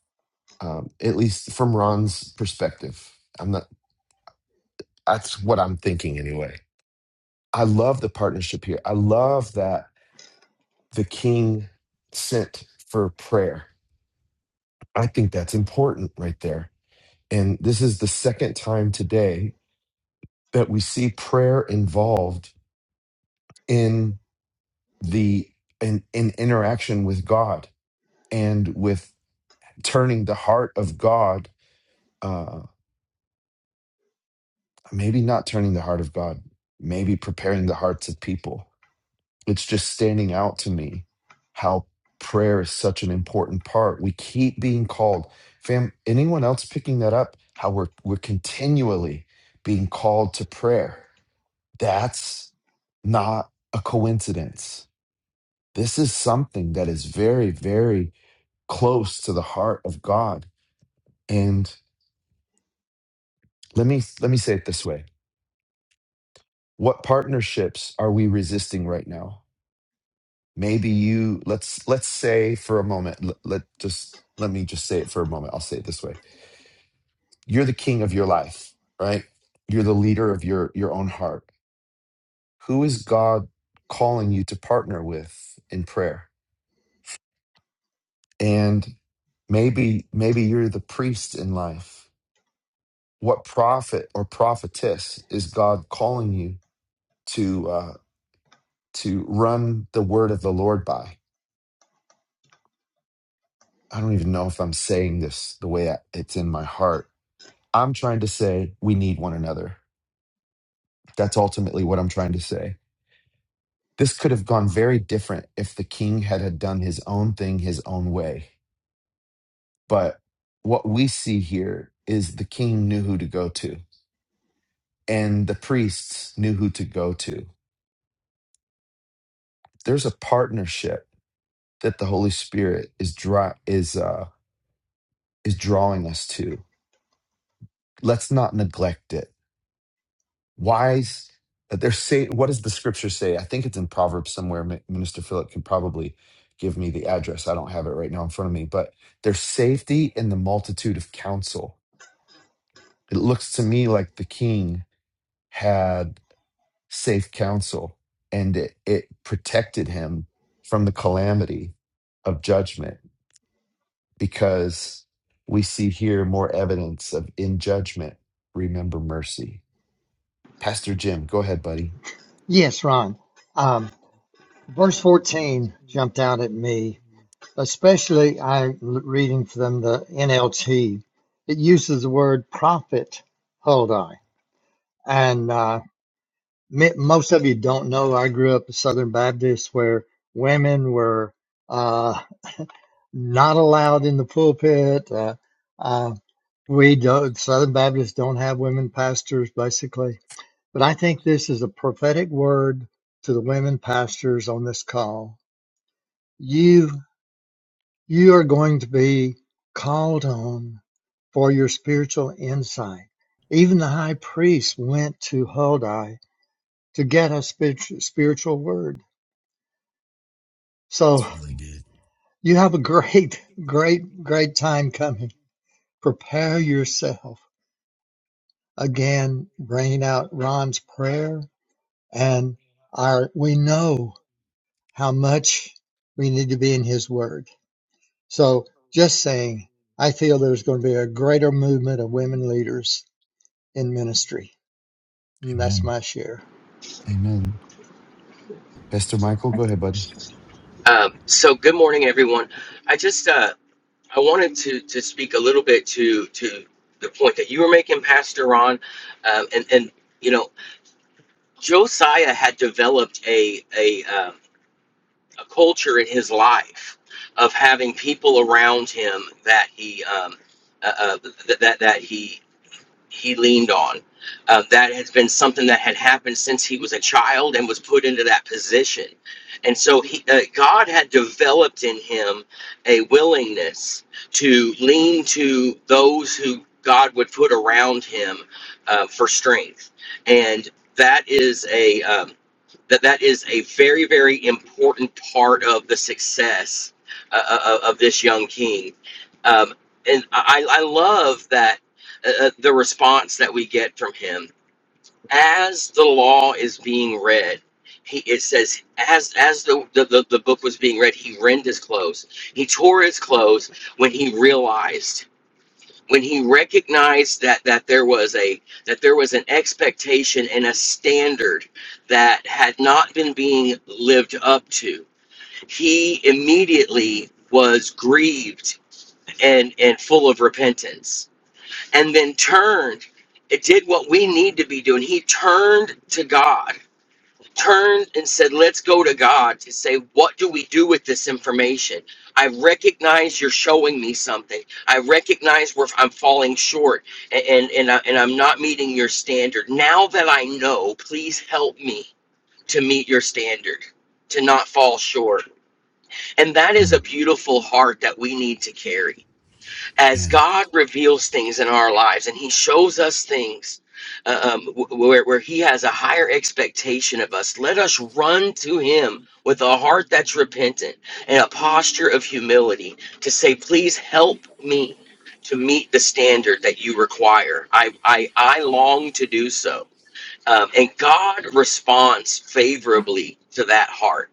[SPEAKER 1] um, at least from Ron's perspective. I'm not. That's what I'm thinking anyway. I love the partnership here. I love that the king sent for prayer. I think that's important right there. And this is the second time today that we see prayer involved in the in, in interaction with God and with turning the heart of God, uh, maybe not turning the heart of God, maybe preparing the hearts of people it's just standing out to me how prayer is such an important part. We keep being called. Fam, anyone else picking that up? How we're we're continually being called to prayer. That's not a coincidence. This is something that is very, very close to the heart of God. And let me let me say it this way. What partnerships are we resisting right now? maybe you let's let's say for a moment let, let just let me just say it for a moment i'll say it this way you're the king of your life right you're the leader of your your own heart who is god calling you to partner with in prayer and maybe maybe you're the priest in life what prophet or prophetess is god calling you to uh to run the word of the lord by i don't even know if i'm saying this the way I, it's in my heart I'm trying to say we need one another. That's ultimately what I'm trying to say. This could have gone very different if the king had, had done his own thing his own way. But what we see here is the king knew who to go to, and the priests knew who to go to. There's a partnership that the Holy Spirit is dry, is uh, is drawing us to. Let's not neglect it wise they're say what does the scripture say i think it's in proverbs somewhere Mi- minister philip can probably give me the address i don't have it right now in front of me but there's safety in the multitude of counsel it looks to me like the king had safe counsel and it, it protected him from the calamity of judgment because we see here more evidence of in judgment remember mercy pastor jim go ahead buddy
[SPEAKER 8] Yes, Ron. Um, verse 14 jumped out at me, especially I'm l- reading from the NLT. It uses the word prophet, Huldai. And uh, me- most of you don't know, I grew up a Southern Baptist where women were uh, not allowed in the pulpit. Uh, uh, we don't, Southern Baptists don't have women pastors, basically But I think this is a prophetic word to the women pastors on this call. You you are going to be called on for your spiritual insight. Even the high priest went to Huldai to get a spiritual spiritual word. So
[SPEAKER 1] It's really good.
[SPEAKER 8] you have a [laughs] great, great, great time coming. Prepare yourself. Again, bringing out Ron's prayer and our, we know how much we need to be in His Word. So, just saying, I feel there's going to be a greater movement of women leaders in ministry. And that's
[SPEAKER 1] amen
[SPEAKER 8] my share.
[SPEAKER 1] Amen. Pastor Michael, go ahead, bud.
[SPEAKER 9] Um, so good morning, everyone. I just uh, I wanted to to speak a little bit to to the point that you were making, Pastor Ron, um, and and you know Josiah had developed a a um, a culture in his life of having people around him that he um, uh, uh, that that that he he leaned on. Uh, that has been something that had happened since he was a child and was put into that position. And so he, uh, God had developed in him a willingness to lean to those who God would put around him uh, for strength. And that is a um, that that is a very very important part of the success uh, uh, of this young king. Um, and I, I love that uh, uh, the response that we get from him as the law is being read he it says as as the the, the, the book was being read he rend his clothes he tore his clothes when he realized when he recognized that that there was a that there was an expectation and a standard that had not been being lived up to he immediately was grieved and and full of repentance and then turned. It did what we need to be doing. He turned to God, turned and said, Let's go to God to say, What do we do with this information? I recognize you're showing me something. I recognize where I'm falling short and, and, and, I, and I'm not meeting your standard. Now that I know, please help me to meet your standard, to not fall short. And that is a
[SPEAKER 1] Mm,
[SPEAKER 9] beautiful heart that we need to carry as
[SPEAKER 1] man.
[SPEAKER 9] God reveals things in our lives and He shows us things uh, um, wh- where, where He has a higher expectation of us, let us run to Him with a heart that's repentant and a posture of humility to say, Please help me to meet the standard that you require. I, I, I long to do so. Um, and God responds favorably to that heart.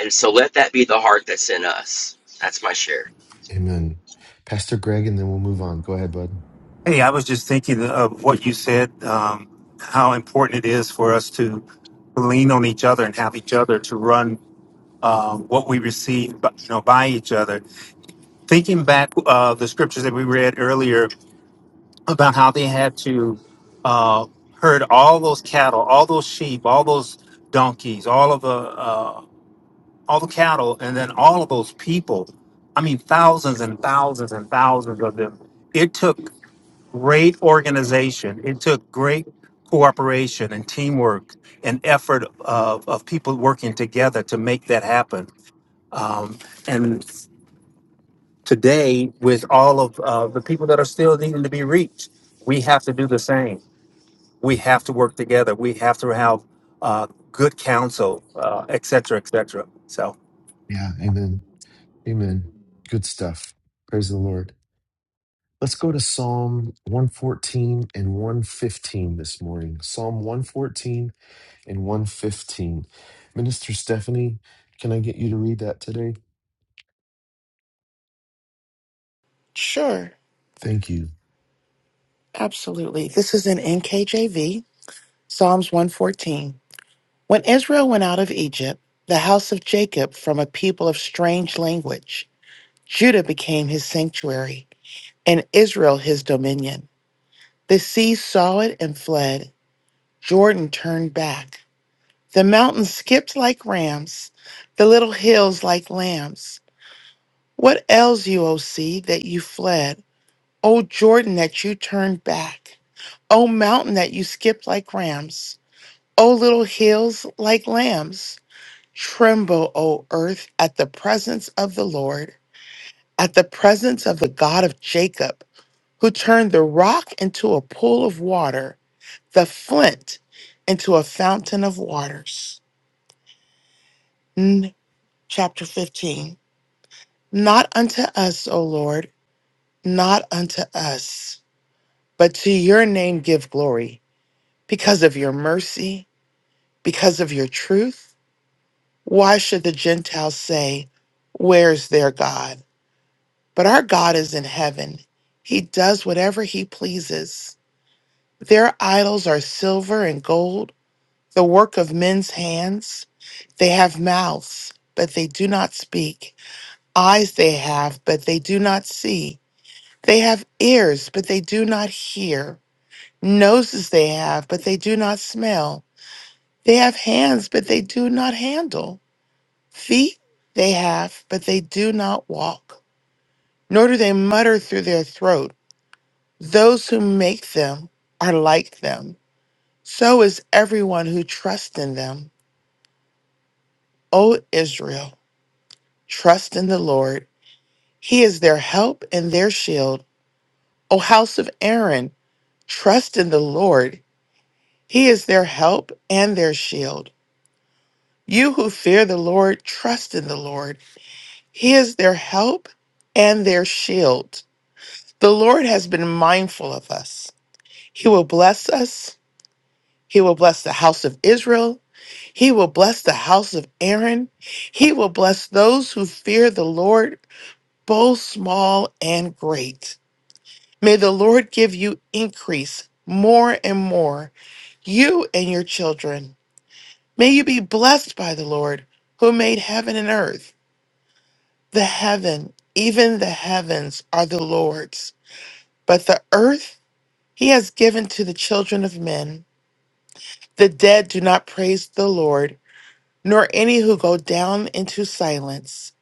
[SPEAKER 9] And so let that be the heart that's in us. That's my share.
[SPEAKER 1] Amen. Pastor Greg, and then we'll move on. Go ahead, bud.
[SPEAKER 2] Hey, I was just thinking of what you said, um, how important it is for us to lean on each other and have each other to run um, what we receive, but, you know, by each other. Thinking back uh, the scriptures that we read earlier about how they had to uh, herd all those cattle, all those sheep, all those donkeys, all of the uh, all the cattle, and then all of those people. I mean, thousands and thousands and thousands of them. It took. great organization. It took great cooperation and teamwork and effort of, of people working together to make that happen. Um, and today, with all of uh, the people that are still needing to be reached, we have to do the same. We have to work together. We have to have uh, good counsel, uh, et cetera, et cetera. So.
[SPEAKER 1] Yeah. Amen. Amen. Good stuff. Praise the Lord. Let's go to Psalm 114 and 115 this morning. Psalm 114 and 115. Minister Stephanie, can I get you to read that today?
[SPEAKER 10] Sure,
[SPEAKER 1] Thank you.
[SPEAKER 10] absolutely. This is in NKJV, Psalms 114. When Israel went out of Egypt, the house of Jacob from a people of strange language, Judah became his sanctuary, and Israel his dominion. The sea saw it and fled. Jordan turned back. The mountains skipped like rams, the little hills like lambs. What ails you, O sea, that you fled? O Jordan, that you turned back? O mountain, that you skipped like rams? O little hills like lambs, tremble, O earth, at the presence of the Lord, at the presence of the God of Jacob, who turned the rock into a pool of water, the flint into a fountain of waters. N- chapter 15. Not unto us, O Lord, not unto us, but to your name give glory, because of your mercy, because of your truth Why should the Gentiles say, Where is their God? But our God is in heaven. He does whatever he pleases. Their idols are silver and gold, the work of men's hands. They have mouths, but they do not speak. Eyes they have, but they do not see. They have ears, but they do not hear. Noses they have, but they do not smell. They have hands, but they do not handle. Feet they have, but they do not walk, nor do they mutter through their throat. Those who make them are like them. So is everyone who trusts in them. O Israel, trust in the Lord. He is their help and their shield. O house of Aaron, trust in the Lord. He is their help and their shield. You who fear the Lord, trust in the Lord. He is their help and their shield. The Lord has been mindful of us. He will bless us. He will bless the house of Israel. He will bless the house of Aaron. He will bless those who fear the Lord, both small and great. May the Lord give you increase more and more, you and your children. May you be blessed by the Lord who made heaven and earth. The heaven, even the heavens, are the Lord's, but the earth He has given to the children of men. The dead do not praise the Lord, nor any who go down into silence.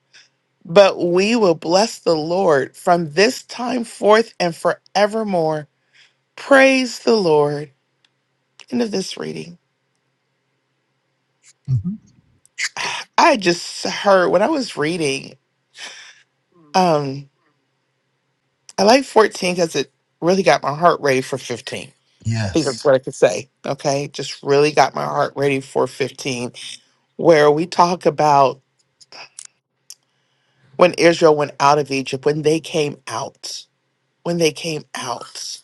[SPEAKER 10] But we will bless the Lord from this time forth and forevermore. Praise the Lord. End of this reading.
[SPEAKER 1] hmm
[SPEAKER 10] [sighs] I just heard when I was reading, um, I like 14 because it really got my heart ready for 15. I think that's
[SPEAKER 1] Yes.
[SPEAKER 10] what I could say. Okay. Just really got my heart ready for 15, where we talk about when Israel went out of Egypt, when they came out, when they came out.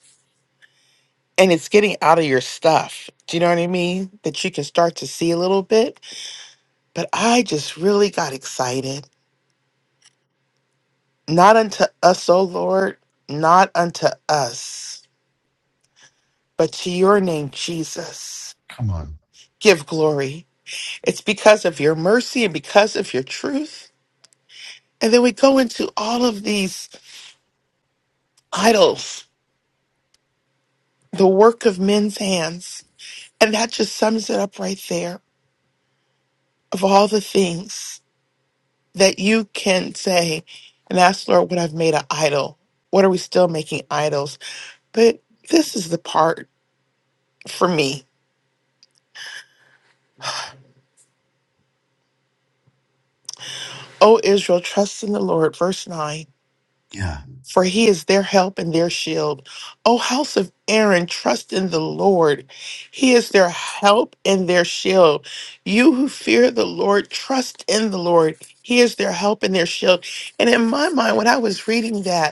[SPEAKER 10] And it's getting out of your stuff. Do you know what I mean? That you can start to see a little bit. But I just really got excited. Not unto us, O Lord, not unto us, but to your name, Jesus.
[SPEAKER 1] Come on.
[SPEAKER 10] Give glory. It's because of your mercy and because of your truth. And then we go into all of these idols, the work of men's hands. And that just sums it up right there. of all the things that you can say and ask Lord what I've made an idol. What are we still making idols? But this is the part for me. O Israel, trust in the Lord, verse 9,
[SPEAKER 1] Yeah.
[SPEAKER 10] for he is their help and their shield. O house of Aaron, trust in the Lord. He is their help and their shield. You who fear the Lord, trust in the Lord. He is their help and their shield. And in my mind, when I was reading that,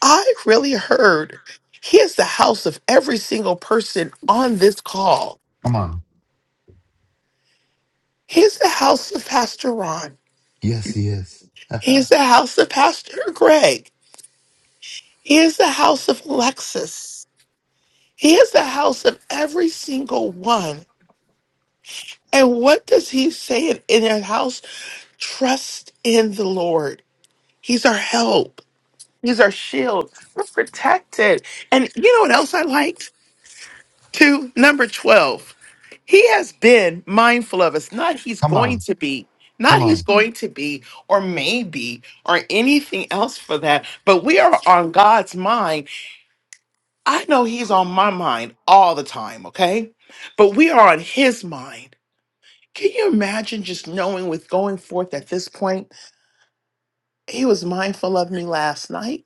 [SPEAKER 10] I really heard here's the house of every single person on this call.
[SPEAKER 1] Come on.
[SPEAKER 10] Here's the house of Pastor Ron.
[SPEAKER 1] Yes, he is. [laughs]
[SPEAKER 10] Here's
[SPEAKER 1] Come
[SPEAKER 10] the house of Pastor Greg. Here's the house of Alexis. Here's the house of every single one. And what does he say in in that house? Trust in the Lord. He's our help. He's our shield. We're protected. And you know what else I liked? Two, number 12. He has been mindful of us, not he's going
[SPEAKER 1] on.
[SPEAKER 10] to be,
[SPEAKER 1] Come
[SPEAKER 10] not he's
[SPEAKER 1] on.
[SPEAKER 10] going to be, or maybe, or anything else for that, but we are on God's mind. I know he's on my mind all the time, okay? But we are on his mind. Can you imagine just knowing with going forth at this point? He was mindful of me last night.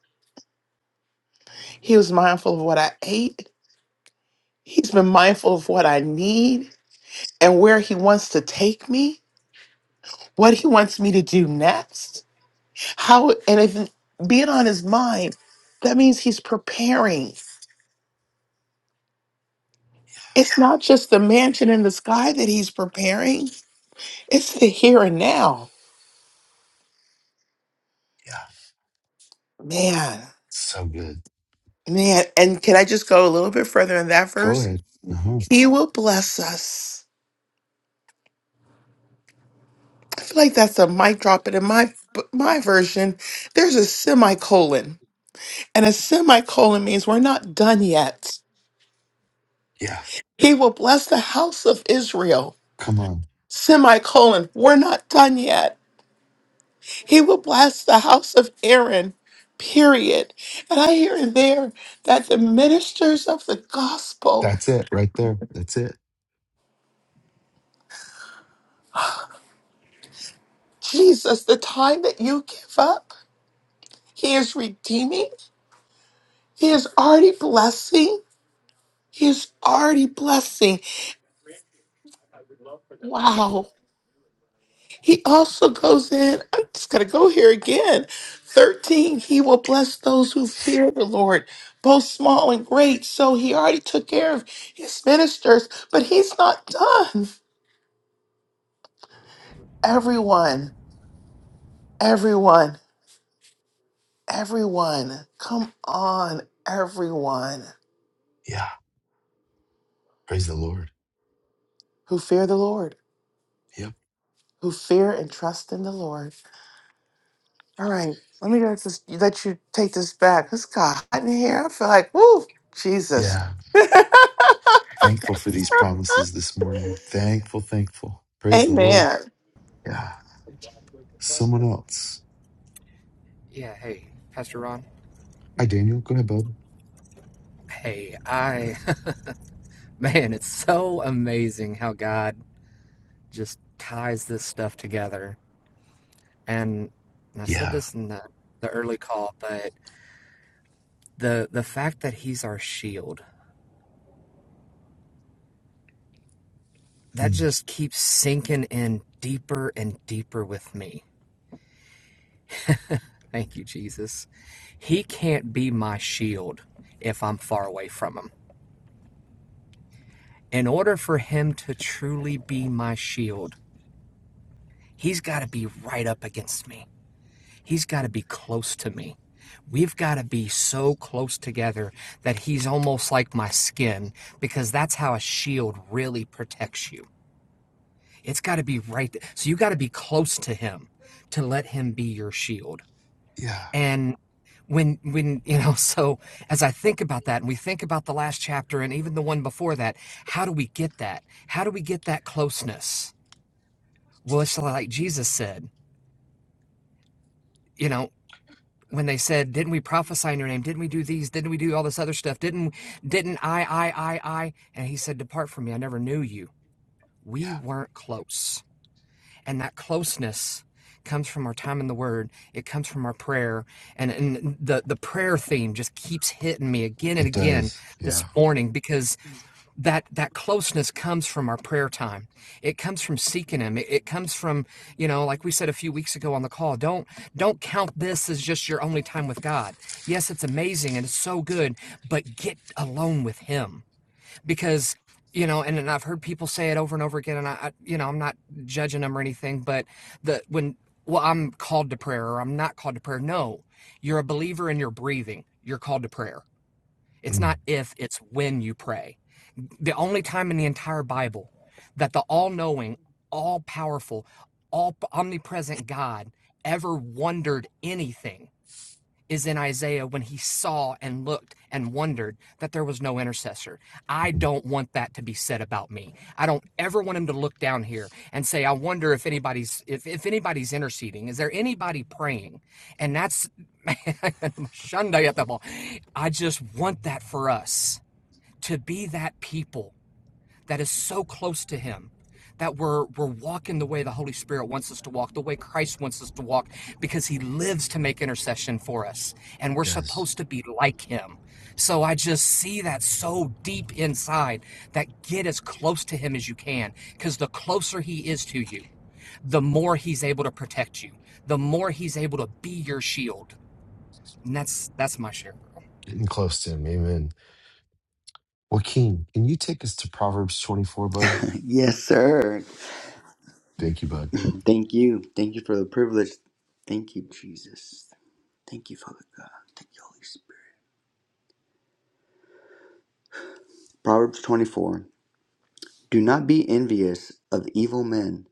[SPEAKER 10] He was mindful of what I ate. He's been mindful of what I need and where he wants to take me what he wants me to do next. How and if being on his mind, that means he's preparing. It's not just the mansion in the sky that he's preparing, it's the here and now.
[SPEAKER 1] Yeah.
[SPEAKER 10] Man,
[SPEAKER 1] So good.
[SPEAKER 10] man. And can I just go a little bit further in that
[SPEAKER 1] Go
[SPEAKER 10] verse?
[SPEAKER 1] ahead. Uh-huh.
[SPEAKER 10] He will bless us. I feel like that's a mic drop, but in my my version, there's a semicolon. And a semicolon means we're not done yet.
[SPEAKER 1] Yeah.
[SPEAKER 10] He will bless the house of Israel.
[SPEAKER 1] Come on.
[SPEAKER 10] Semicolon, we're not done yet. He will bless the house of Aaron, period. And I hear in there that the ministers of the gospel,
[SPEAKER 1] That's it right there. That's it.
[SPEAKER 10] Jesus, the time that you give up, he is redeeming, he is already blessing, he is already blessing. Wow. He also goes in, I'm just going to go here again. 13, he will bless those who fear the Lord, both small and great. So he already took care of his ministers, but he's not done. Everyone, everyone, everyone, come on, everyone
[SPEAKER 1] Yeah. Praise the Lord.
[SPEAKER 10] who fear the Lord,
[SPEAKER 1] Yep.
[SPEAKER 10] who fear and trust in the Lord. All right, let me let, this, let you take this back. It's got hot in here. I feel like, woo, Jesus.
[SPEAKER 1] Yeah. Thankful for these
[SPEAKER 10] [laughs]
[SPEAKER 1] promises this morning. Thankful, thankful. Praise the Lord.
[SPEAKER 10] Amen.
[SPEAKER 1] Yeah. Someone else.
[SPEAKER 6] Yeah, hey, Pastor Ron.
[SPEAKER 1] Hi, Daniel. Go ahead, bud.
[SPEAKER 6] Hey, I, [laughs] man, it's so amazing how God just ties this stuff together. And, and I said
[SPEAKER 1] Yeah.
[SPEAKER 6] this in the, the early call, but the the fact that he's our shield that
[SPEAKER 1] Mm.
[SPEAKER 6] just keeps sinking in deeper and deeper with me. Thank you, Jesus. He can't be my shield if I'm far away from him In order for him to truly be my shield, he's got to be right up against me. He's got to be close to me. We've got to be so close together that he's almost like my skin because that's how a shield really protects you. It's got to be right. th- So you got to be close to him to let him be your shield.
[SPEAKER 1] Yeah.
[SPEAKER 6] And when when [laughs] you know so as i think about that and we think about the last chapter and even the one before that how do we get that how do we get that closeness Well, it's like Jesus said, you know, when they said, "Didn't we prophesy in your name? Didn't we do these? Didn't we do all this other stuff? Didn't didn't I I I I?" And he said, "Depart from me. I never knew you." We
[SPEAKER 1] Yeah.
[SPEAKER 6] weren't close. And that closeness comes from our time in the word. It comes from our prayer. And and the the prayer theme just keeps hitting me again and
[SPEAKER 1] It
[SPEAKER 6] again
[SPEAKER 1] does.
[SPEAKER 6] this
[SPEAKER 1] Yeah.
[SPEAKER 6] morning because. that that closeness comes from our prayer time it comes from seeking him it, it comes from you know like we said a few weeks ago on the call don't don't count this as just your only time with god yes it's amazing and it's so good but get alone with him because you know and, and i've heard people say it over and over again and I, I you know i'm not judging them or anything but the when well i'm called to prayer or i'm not called to prayer no you're a believer and you're breathing you're called to prayer it's
[SPEAKER 1] Mm.
[SPEAKER 6] not if it's when you pray the only time in the entire Bible that the all knowing, all powerful, all omnipresent God ever wondered anything is in Isaiah when he saw and looked and wondered that there was no intercessor. I
[SPEAKER 1] Mm.
[SPEAKER 6] don't want that to be said about me. I don't ever want him to look down here and say, I wonder if anybody's if, if anybody's interceding. Is there anybody praying? And that's man, [laughs] I just want that for us to be that people that is so close to him that we're we're walking the way the Holy Spirit wants us to walk, the way Christ wants us to walk, because He lives to make intercession for us, and
[SPEAKER 1] It
[SPEAKER 6] we're
[SPEAKER 1] does.
[SPEAKER 6] supposed to be like Him. So I just see that so deep inside that get as close to Him as you can, because the closer He is to you, the more He's able to protect you, the more He's able to be your shield, and that's that's my share.
[SPEAKER 1] Getting close to him. Amen. Joaquin, can you take us to Proverbs 24, bud?
[SPEAKER 7] [laughs] Yes, sir.
[SPEAKER 1] Thank you, bud.
[SPEAKER 7] Thank you. Thank you for the privilege. Thank you, Jesus. Thank you, Father God. Thank you, Holy Spirit. Proverbs 24 Do not be envious of evil men,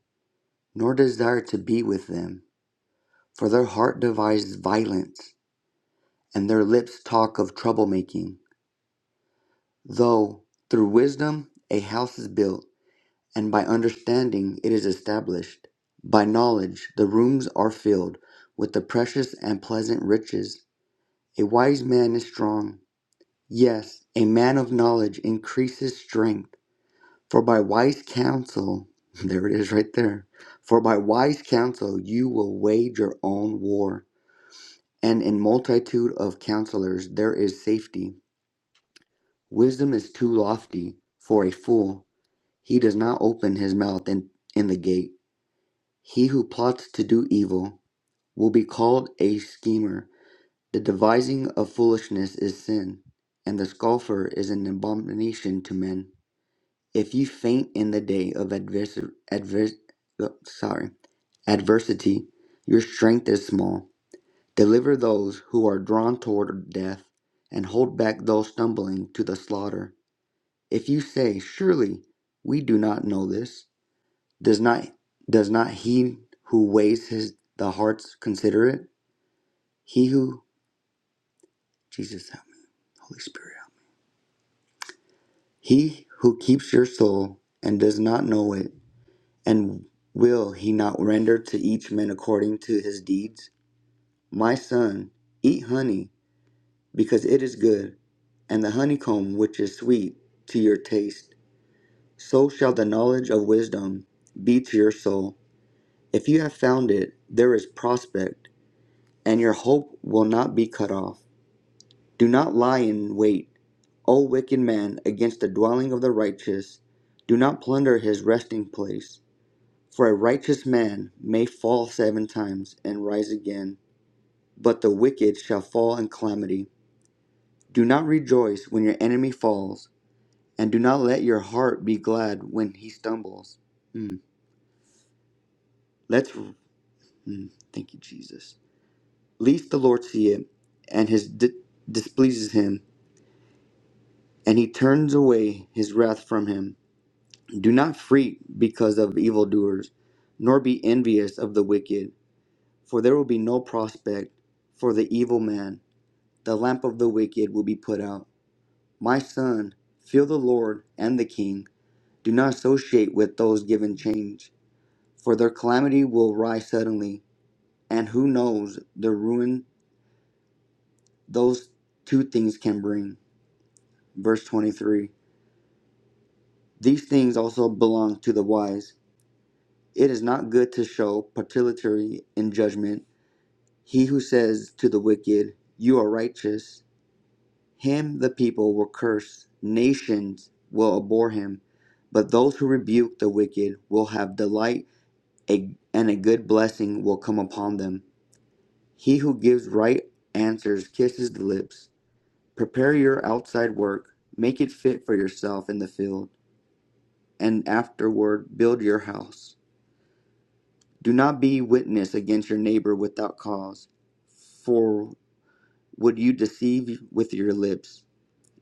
[SPEAKER 7] nor desire to be with them, for their heart devises violence, and their lips talk of troublemaking. Though through wisdom a house is built, and by understanding it is established, by knowledge the rooms are filled with the precious and pleasant riches. A wise man is strong Yes, a man of knowledge increases strength, for by wise counsel, [laughs] there it is right there, for by wise counsel you will wage your own war, and in multitude of counselors there is safety. Wisdom is too lofty for a fool, he does not open his mouth in, in the gate. He who plots to do evil will be called a schemer. The devising of foolishness is sin, and the scoffer is an abomination to men. If you faint in the day of advers- advers- uh, sorry, adversity, your strength is small. Deliver those who are drawn toward death, and hold back those stumbling to the slaughter. If you say, Surely we do not know this, does not does not he who weighs his the hearts consider it? He who Jesus help me, Holy Spirit help me. He who keeps your soul and does not know it And will he not render to each man according to his deeds? My son, eat honey, because it is good, and the honeycomb which is sweet to your taste. So shall the knowledge of wisdom be to your soul. If you have found it, there is prospect, and your hope will not be cut off. Do not lie in wait, O wicked man, against the dwelling of the righteous. Do not plunder his resting place. For a righteous man may fall seven times and rise again, but the wicked shall fall in calamity. Do not rejoice when your enemy falls, and do not let your heart be glad when he stumbles. Mm. Let's. Mm. Thank you, Jesus. Lest the Lord see it, and his di- displeases him, and he turns away his wrath from him. Do not freak because of evildoers, nor be envious of the wicked, for there will be no prospect for the evil man. the lamp of the wicked will be put out. My son, fear the Lord and the king. Do not associate with those given change, for their calamity will rise suddenly, and who knows the ruin those two things can bring. Verse 23 These things also belong to the wise. It is not good to show partiality in judgment. He who says to the wicked, You are righteous, Him the people will curse, nations will abhor him, but those who rebuke the wicked will have delight, a- and a good blessing will come upon them. He who gives right answers kisses the lips. Prepare your outside work, make it fit for yourself in the field, and afterward build your house. Do not be witness against your neighbor without cause, for would you deceive with your lips?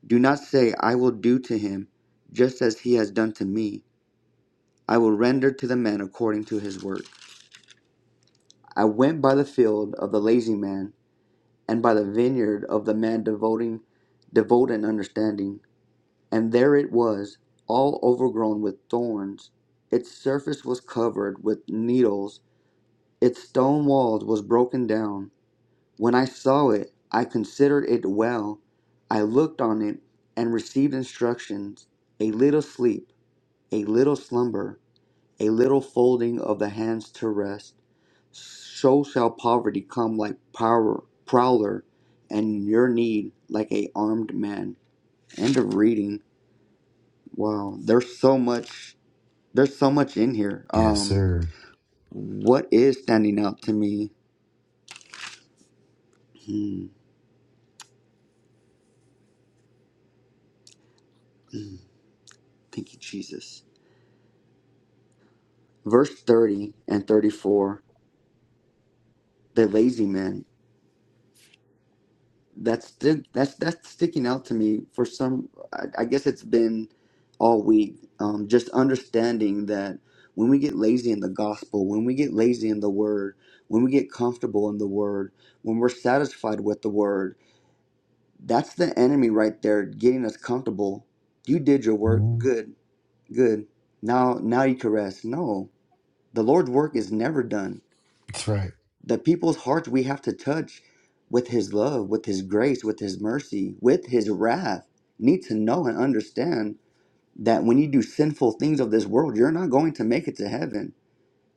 [SPEAKER 7] Do not say, I will do to him just as he has done to me. I will render to the man according to his work. I went by the field of the lazy man, and by the vineyard of the man devoting, devout in understanding. And there it was, all overgrown with thorns. Its surface was covered with needles. Its stone walls was broken down. When I saw it, I considered it well. I looked on it and received instructions. A little sleep. a little slumber, a little folding of the hands to rest. So shall poverty come like power, prowler, and your need like a armed man. End of reading. Wow, there's so much. There's so much in here.
[SPEAKER 1] Yes,
[SPEAKER 7] Um,
[SPEAKER 1] sir.
[SPEAKER 7] what is standing out to me? Hmm. [clears throat] Thank you, Jesus. Verse 30 and 34. The lazy man. that's that's that's sticking out to me for some I, I guess it's been all week um, just understanding that when we get lazy in the gospel when we get lazy in the word when we get comfortable in the word when we're satisfied with the word that's the enemy right there getting us comfortable you did your work
[SPEAKER 1] Mhm.
[SPEAKER 7] good good now now you can rest no the lord's work is never done
[SPEAKER 1] That's right.
[SPEAKER 7] the people's hearts we have to touch with His love, with His grace, with His mercy, with His wrath need to know and understand that when you do sinful things of this world, you're not going to make it to heaven.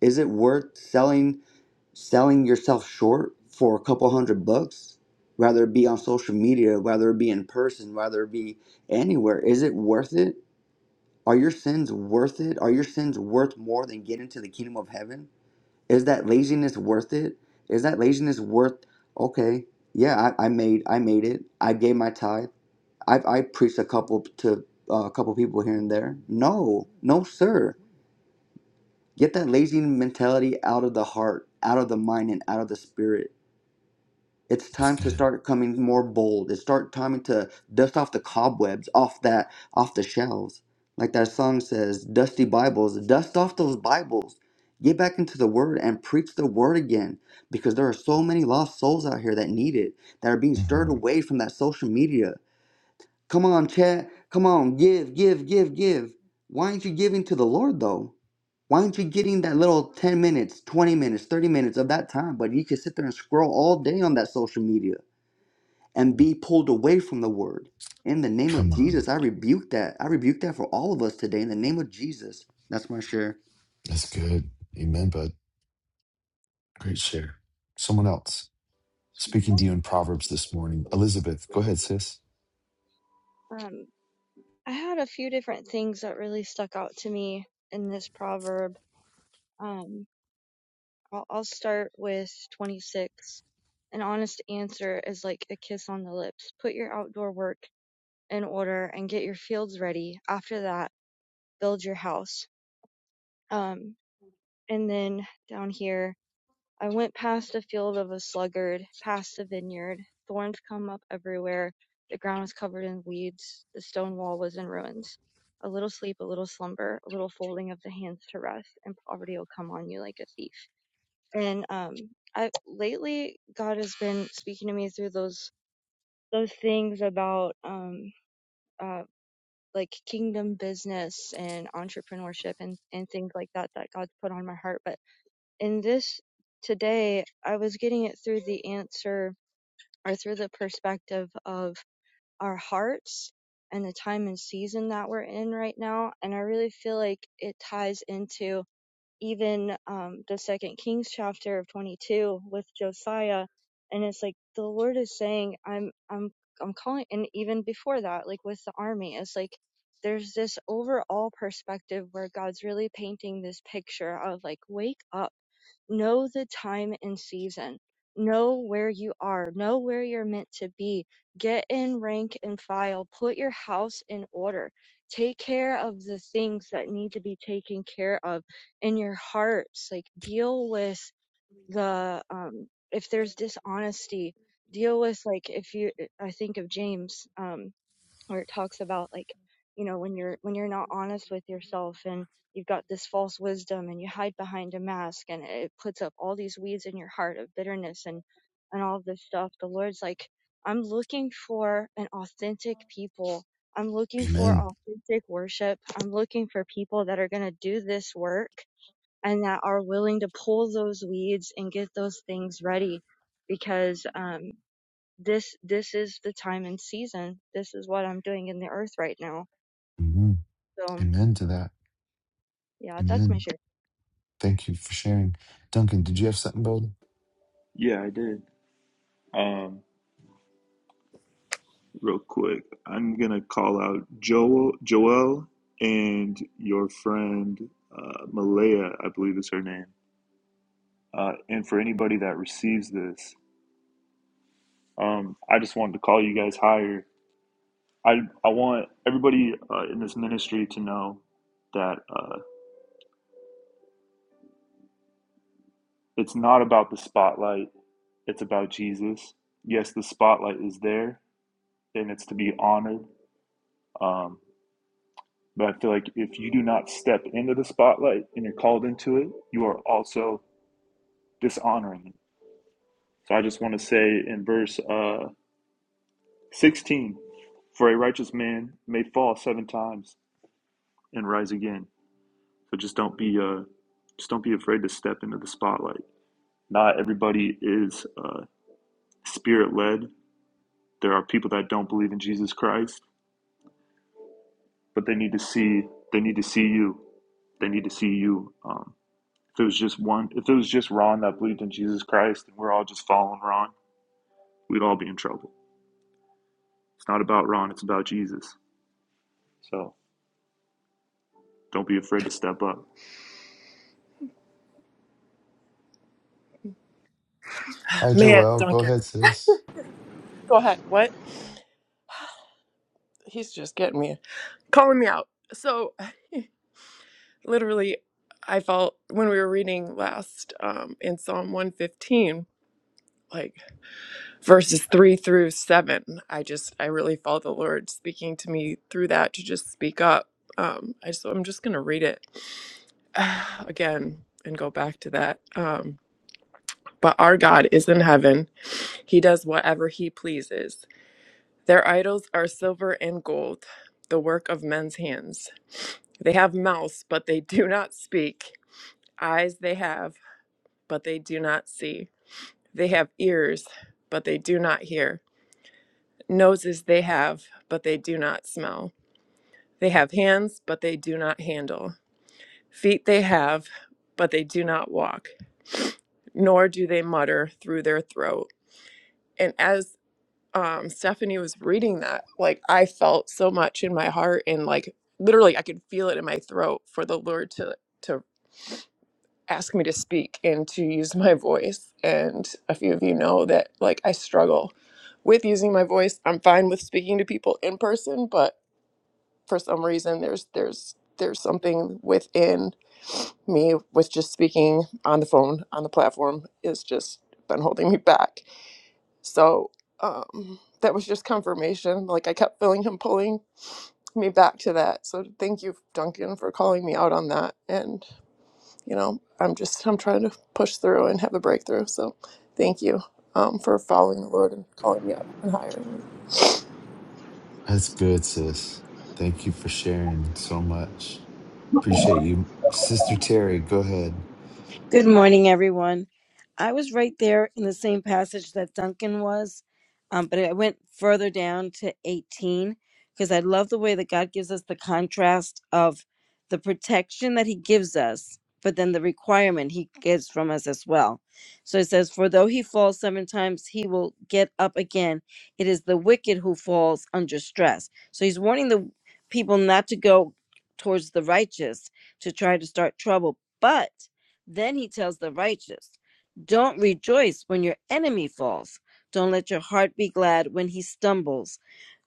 [SPEAKER 7] Is it worth selling selling yourself short for a couple hundred bucks, Rather it be on social media, rather it be in person, rather it be anywhere, is it worth it? Are your sins worth it? Are your sins worth more than getting to the kingdom of heaven? Is that laziness worth it? Is that laziness worth? Okay, yeah, I, I made I made it. I gave my tithe. I've I preached a couple to uh, a couple people here and there. No, no, sir. Get that lazy mentality out of the heart, out of the mind, and out of the spirit. It's
[SPEAKER 1] That's
[SPEAKER 7] time to
[SPEAKER 1] good.
[SPEAKER 7] start coming more bold. It's start time to dust off the cobwebs off that off the shelves. Like that song says, dusty Bibles, dust off those Bibles. Get back into the word and preach the word again because there are so many lost souls out here that need it, that are being stirred
[SPEAKER 1] hmm
[SPEAKER 7] away from that social media, Come on, Chad. Come on, give, give, give, give. Why aren't you giving to the Lord though? Why aren't you getting that little 10 minutes, 20 minutes, 30 minutes of that time? But you can sit there and scroll all day on that social media and be pulled away from the word. In the name
[SPEAKER 1] Come
[SPEAKER 7] of
[SPEAKER 1] on.
[SPEAKER 7] Jesus, I rebuke that. I rebuke that for all of us today. In the name of Jesus. That's my share.
[SPEAKER 1] That's good. Amen, bud. Great share. Someone else
[SPEAKER 11] speaking to
[SPEAKER 1] speaking
[SPEAKER 11] you
[SPEAKER 1] to
[SPEAKER 11] in
[SPEAKER 1] you in
[SPEAKER 11] Proverbs
[SPEAKER 1] Proverbs
[SPEAKER 11] this
[SPEAKER 1] this morning.
[SPEAKER 11] morning. Elizabeth,
[SPEAKER 1] Elizabeth,
[SPEAKER 11] go
[SPEAKER 1] go
[SPEAKER 11] ahead,
[SPEAKER 1] ahead,
[SPEAKER 11] sis.
[SPEAKER 1] sis.
[SPEAKER 12] Um, I had a few different things that really stuck out to me in this proverb. Um, I'll, I'll start with 26. An honest answer is like a kiss on the lips. Put your outdoor work in order and get your fields ready. After that, build your house. Um, and then down here, I went past a field of a sluggard, past a vineyard. Thorns come up everywhere. The ground was covered in weeds. The stone wall was in ruins. A little sleep, a little slumber, a little folding of the hands to rest, and poverty will come on you like a thief. And um, I lately God has been speaking to me through those those things about um uh like kingdom business and entrepreneurship and and things like that that God's put on my heart. But in this today, I was getting it through the answer or through the perspective of our hearts and the time and season that we're in right now. And I really feel like it ties into even um, the second Kings chapter of 22 with Josiah. And it's like the Lord is saying, I'm, I'm, I'm calling. And even before that, like with the army, it's like, there's this overall perspective where God's really painting this picture of like, wake up Know the time and season. Know where you are. Know where you're meant to be. Get in rank and file. Put your house in order. Take care of the things that need to be taken care of in your hearts. Like deal with the um if there's dishonesty, deal with like if you I think of James. Um where it talks about like you know when you're when you're not honest with yourself and you've got this false wisdom and you hide behind a mask and it puts up all these weeds in your heart of bitterness and and all of this stuff the lord's like i'm looking for an authentic people i'm looking for
[SPEAKER 1] Amen.
[SPEAKER 12] authentic worship i'm looking for people that are going to do this work and that are willing to pull those weeds and get those things ready because um this this is the time and season. This is what I'm doing in the earth right now.
[SPEAKER 1] hmm
[SPEAKER 12] So
[SPEAKER 1] Amen to that.
[SPEAKER 12] yeah, that's my
[SPEAKER 1] Amen.
[SPEAKER 12] share.
[SPEAKER 1] Thank you for sharing. Duncan, did you have something, bud?
[SPEAKER 11] Yeah, I did. Um, real quick, I'm gonna call out Joel, Joel, and your friend uh, Malaya, I believe is her name. Uh, and for anybody that receives this, um, I just wanted to call you guys higher. I I want everybody uh, in this ministry to know that uh, it's not about the spotlight. It's about Jesus. Yes, the spotlight is there, and it's to be honored. Um, But I feel like if you do not step into the spotlight and you're called into it, you are also dishonoring it. So I just want to say in verse uh, 16, for a righteous man may fall seven times and rise again. So just don't be uh, just don't be afraid to step into the spotlight. Not everybody is uh, spirit led. There are people that don't believe in Jesus Christ, but they need to see they need to see you. They need to see you. Um, If it was just one, if it was just Ron that believed in Jesus Christ and we're all just following Ron, we'd all be in trouble. It's not about Ron, it's about Jesus. So don't be afraid to step up.
[SPEAKER 1] Hi,
[SPEAKER 13] Man,
[SPEAKER 1] Joelle. Go
[SPEAKER 13] Duncan.
[SPEAKER 1] ahead, sis.
[SPEAKER 13] Go ahead. What? He's just getting me, calling me out. So, [laughs] literally, I felt when we were reading last um, in Psalm 115, like verses three through seven, I just, I really felt the Lord speaking to me through that to just speak up. Um, I just, I'm just going to read it [sighs] again and go back to that. Um, but our God is in heaven. He does whatever he pleases. Their idols are silver and gold, the work of men's hands. They have mouths, but they do not speak. Eyes they have, but they do not see. They have ears, but they do not hear. Noses they have, but they do not smell. They have hands, but they do not handle. Feet they have, but they do not walk. Nor do they mutter through their throat. And as um Stephanie was reading that, like I felt so much in my heart and like literally I could feel it in my throat for the Lord to to ask me to speak and to use my voice. And a few of you know that like I struggle with using my voice. I'm fine with speaking to people in person, but for some reason there's there's there's something within me with just speaking on the phone on the platform is just been holding me back so um, that was just confirmation. Like I kept feeling him pulling me back to that. So thank you, Duncan, for calling me out on that. And you know, I'm just I'm trying to push through and have a breakthrough. So thank you um, for following the Lord and calling me up and higher.
[SPEAKER 1] That's good, sis. Thank you for sharing so much. Appreciate you. Sister Terry, go ahead.
[SPEAKER 14] Good morning, everyone. I was right there in the same passage that Duncan was, um, but I went further down to 18 because I love the way that God gives us the contrast of the protection that He gives us, but then the requirement He gives from us as well. So it says, For though he falls seven times, he will get up again. It is the wicked who falls under stress. So He's warning the people not to go towards the righteous to try to start trouble, but then he tells the righteous, Don't rejoice when your enemy falls. Don't let your heart be glad when he stumbles.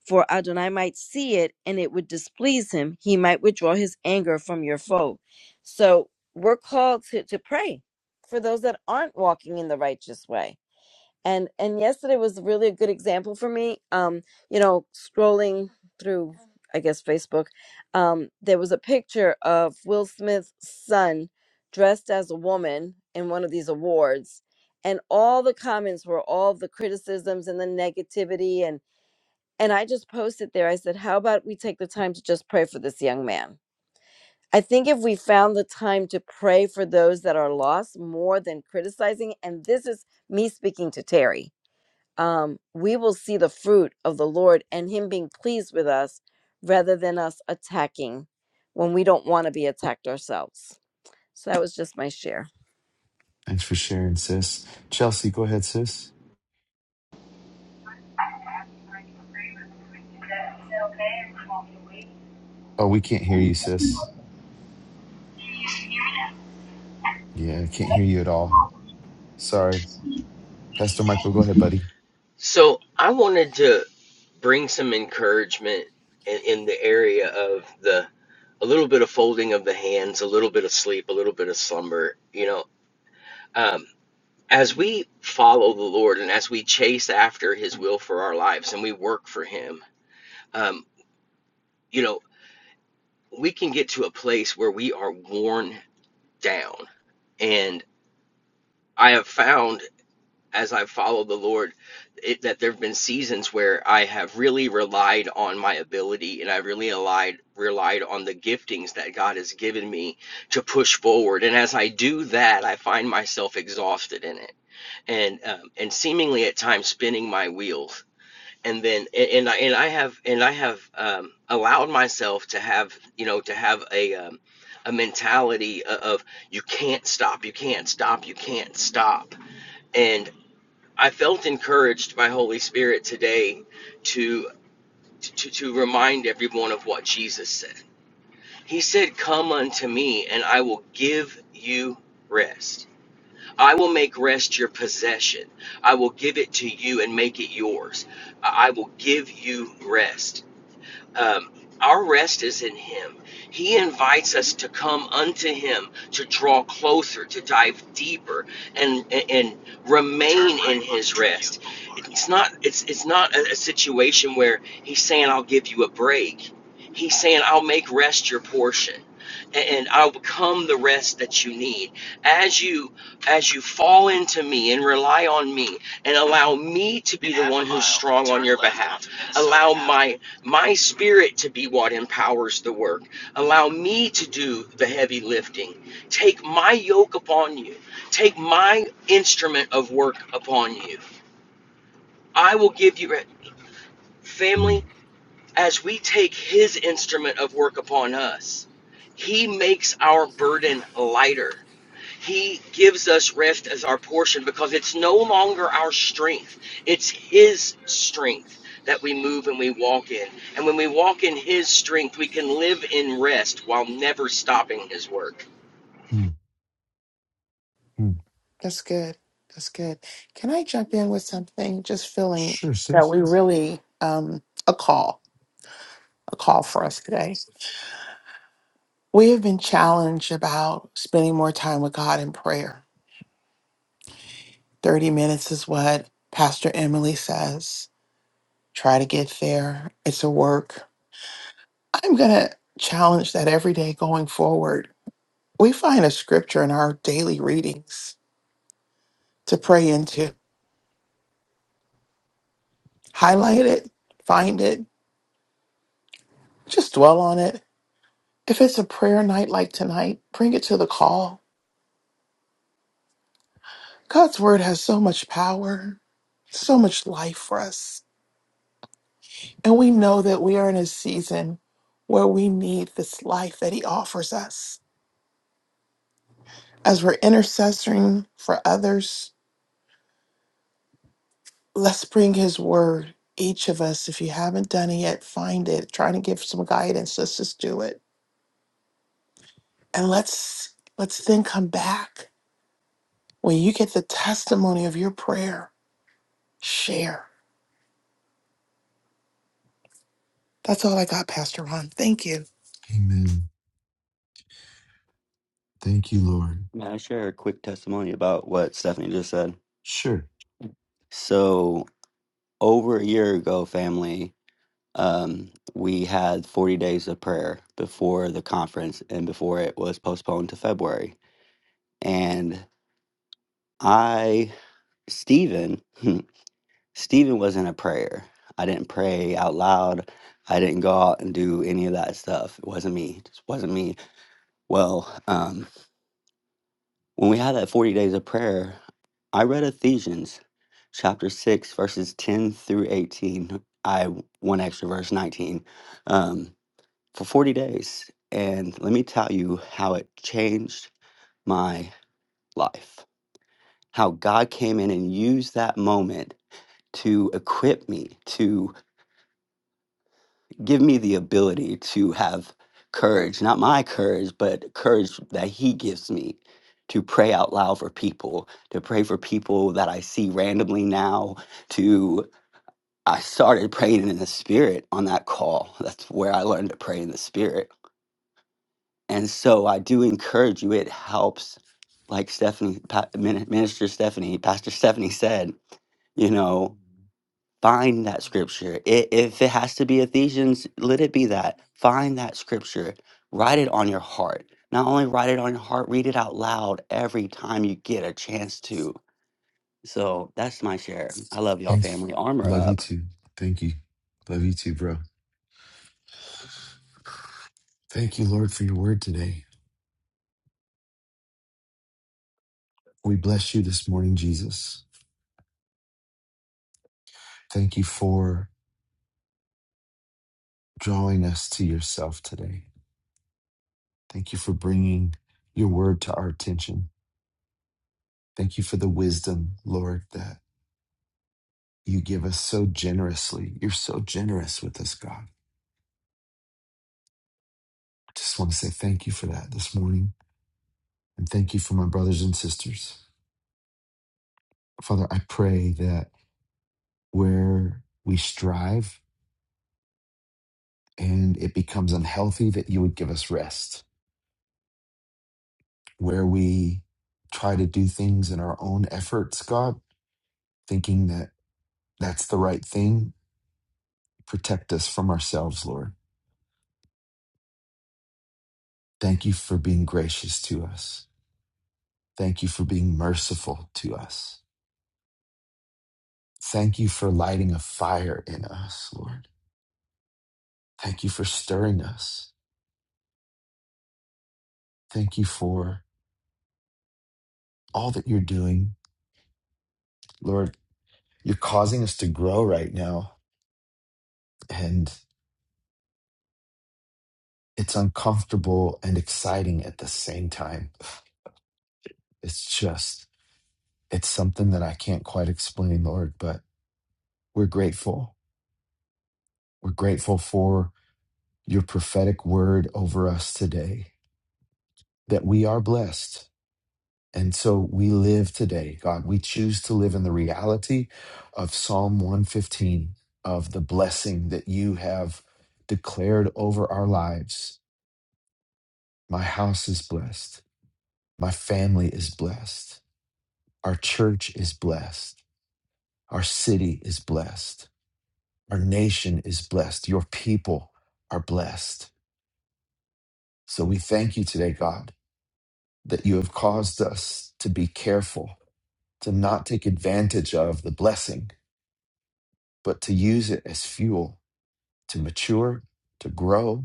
[SPEAKER 14] For Adonai might see it and it would displease him. He might withdraw his anger from your foe. So we're called to, to pray for those that aren't walking in the righteous way and and yesterday was really a good example for me um you know scrolling through i guess facebook um there was a picture of will smith's son dressed as a woman in one of these awards and all the comments were all the criticisms and the negativity and and i just posted there i said how about we take the time to just pray for this young man i think if we found the time to pray for those that are lost more than criticizing and this is me speaking to terry um, we will see the fruit of the Lord and Him being pleased with us rather than us attacking when we don't want to be attacked ourselves. So that was just my share.
[SPEAKER 1] Thanks for sharing, sis. Chelsea, go ahead, sis.
[SPEAKER 15] Is that okay? Or you want me to wait?
[SPEAKER 1] Oh, we can't hear you, sis.
[SPEAKER 15] Can you hear
[SPEAKER 1] Yeah, I
[SPEAKER 15] me
[SPEAKER 1] can't hear you at
[SPEAKER 15] now?
[SPEAKER 1] all. Sorry. Pastor Michael, go ahead, buddy.
[SPEAKER 9] So I wanted to. bring some encouragement in, in the area of the a little bit of folding of the hands, a little bit of sleep, a little bit of slumber. You know, um, as we follow the Lord and as we chase after His will for our lives and we work for Him, um, you know, we can get to a place where we are worn down. And I have found as I've followed the Lord, it, that there have been seasons where I have really relied on my ability and I really relied relied on the giftings that God has given me to push forward. And as I do that, I find myself exhausted in it, and um, and seemingly at times spinning my wheels. And then and, and I and I have and I have um, allowed myself to have you know to have a um, a mentality o- of you can't stop, you can't stop, you can't stop and I felt encouraged by Holy Spirit today to, to to remind everyone of what Jesus said. He said, "Come unto me, and I will give you rest. I will make rest your possession. I will give it to you and make it yours. I I will give you rest." Um, our rest is in Him. He invites us to come unto Him, to draw closer, to dive deeper, and and, and remain in His rest. It's not it's it's not a, a situation where He's saying I'll give you a break. He's saying I'll make rest your portion, and I'll become the rest that you need as you as you fall into me and rely on me and allow me to be the one who's strong on your behalf. Allow my my spirit to be what empowers the work. Allow me to do the heavy lifting. Take my yoke upon you. Take my instrument of work upon you. I will give you it. Family,
[SPEAKER 1] Mm,
[SPEAKER 9] as we take his instrument of work upon us, he makes our burden lighter. He gives us rest as our portion because it's no longer our strength. It's His strength that we move and we walk in. And when we walk in His strength, we can live in rest while never stopping His work.
[SPEAKER 1] mm, mm.
[SPEAKER 10] That's good. That's good. Can I jump in with something? Just feeling
[SPEAKER 1] Sure,
[SPEAKER 10] that
[SPEAKER 1] sis.
[SPEAKER 10] we really um, a call, a call for us today. We have been challenged about spending more time with God in prayer. Thirty minutes is what Pastor Emily says. Try to get there. It's a work. I'm gonna challenge that every day going forward. We find a scripture in our daily readings to pray into. Highlight it, find it, just dwell on it If it's a prayer night like tonight, bring it to the call. God's word has so much power, so much life for us. And we know that we are in a season where we need this life that He offers us. As we're intercessoring for others, let's bring His word. Each of us, if you haven't done it yet, find it. Trying to give some guidance. Let's just do it. And let's let's then come back. When you get the testimony of your prayer, share. That's all I got, Pastor Ron. Thank you.
[SPEAKER 1] Amen. Thank you, Lord.
[SPEAKER 16] May I share a quick testimony about what Stephanie just said?
[SPEAKER 1] Sure.
[SPEAKER 16] So, over a year ago, family, um, we had 40 days of prayer before the conference and before it was postponed to February. And I, Stephen, [laughs] Stephen was in a prayer. I didn't pray out loud. I didn't go out and do any of that stuff. It wasn't me. It just wasn't me. Well, um, when we had that 40 days of prayer, I read Ephesians chapter 6, verses 10 through 18. I one extra verse 19 um, for 40 days. And let me tell you how it changed my life. How God came in and used that moment to equip me, to give me the ability to have courage, not my courage, but courage that He gives me to pray out loud for people, to pray for people that I see randomly now, To I started praying in the spirit on that call. [laughs] That's where I learned to pray in the spirit. And so I do encourage you, it helps. Like Stephanie, Pa- Min- Minister Stephanie, Pastor Stephanie said, you know, find that scripture. I if it has to be Ephesians, let it be that. Find that scripture, write it on your heart. Not only write it on your heart, read it out loud every time you get a chance to. So that's my share. I love y'all,
[SPEAKER 1] Thanks.
[SPEAKER 16] family. Armor
[SPEAKER 1] Love you
[SPEAKER 16] up.
[SPEAKER 1] too. Thank you. Love you too, bro. Thank you, Lord, for your word today. We bless you this morning, Jesus. Thank you for drawing us to yourself today. Thank you for bringing your word to our attention. Thank you for the wisdom, Lord, that you give us so generously. You're so generous with us, God. Just want to say thank you for that this morning. And thank you for my brothers and sisters. Father, I pray that where we strive and it becomes unhealthy, that you would give us rest. Where we try to do things in our own efforts, God, thinking that that's the right thing, protect us from ourselves, Lord. Thank you for being gracious to us. Thank you for being merciful to us. Thank you for lighting a fire in us, Lord. Thank you for stirring us. Thank you for all that you're doing. Lord, You're causing us to grow right now. And it's uncomfortable and exciting at the same time. It's just, it's something that I can't quite explain, Lord, but we're grateful. We're grateful for your prophetic word over us today that we are blessed. And so we live today, God. We choose to live in the reality of Psalm 115, of the blessing that you have declared over our lives. My house is blessed. My family is blessed. Our church is blessed. Our city is blessed. Our nation is blessed. Your people are blessed. So we thank you today, God, that you have caused us to be careful, to not take advantage of the blessing, but to use it as fuel to mature, to grow,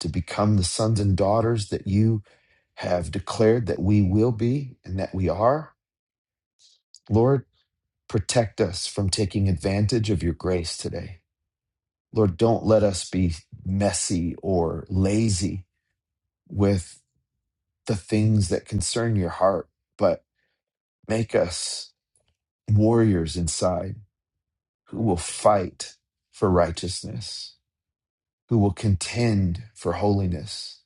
[SPEAKER 1] to become the sons and daughters that you have declared that we will be and that we are. Lord, Protect us from taking advantage of your grace today. Lord, don't let us be messy or lazy with the things that concern your heart, but make us warriors inside who will fight for righteousness, who will contend for holiness,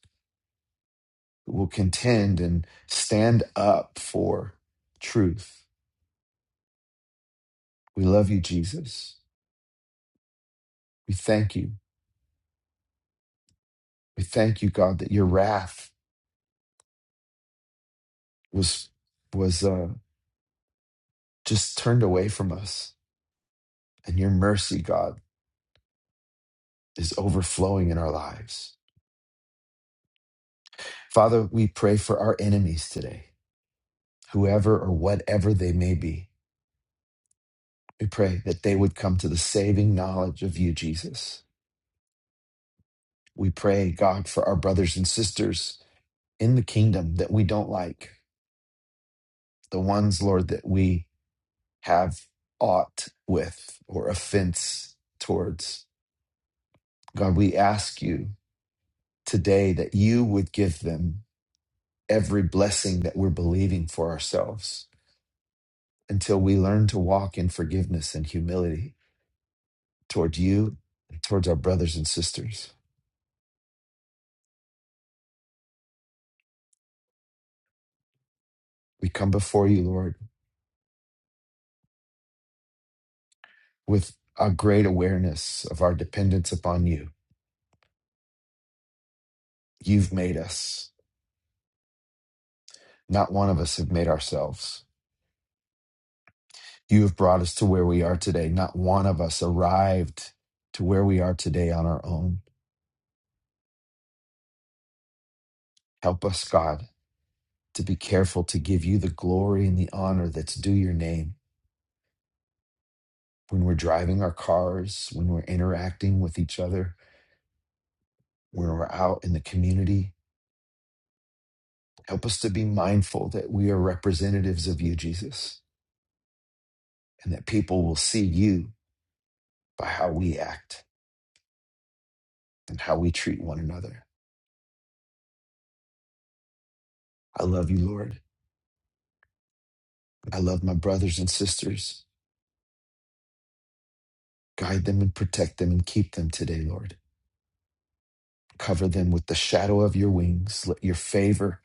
[SPEAKER 1] who will contend and stand up for truth. We love you, Jesus. We thank you. We thank you, God, that your wrath was was uh, just turned away from us. And your mercy, God, is overflowing in our lives. Father, we pray for our enemies today, whoever or whatever they may be. We pray that they would come to the saving knowledge of you, Jesus. We pray, God, for our brothers and sisters in the kingdom that we don't like, the ones, Lord, that we have aught with or offense towards. God, we ask you today that you would give them every blessing that we're believing for ourselves until we learn to walk in forgiveness and humility toward you and towards our brothers and sisters. We come before you, Lord, with a great awareness of our dependence upon you. You've made us. Not one of us have made ourselves. You have brought us to where we are today. Not one of us arrived to where we are today on our own. Help us, God, to be careful to give you the glory and the honor that's due your name when we're driving our cars, when we're interacting with each other, when we're out in the community. Help us to be mindful that we are representatives of you, Jesus, and that people will see you by how we act and how we treat one another. I love you, Lord. I love my brothers and sisters. Guide them and protect them and keep them today, Lord. Cover them with the shadow of your wings. Let your favor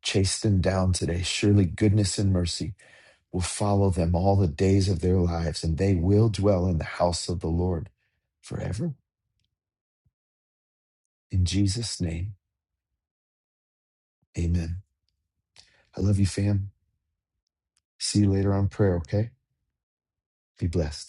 [SPEAKER 1] chase them down today. Surely goodness and mercy will follow them all the days of their lives, and they will dwell in the house of the Lord forever. In Jesus' name, amen. I love you, fam. See you later on prayer, okay? Be blessed.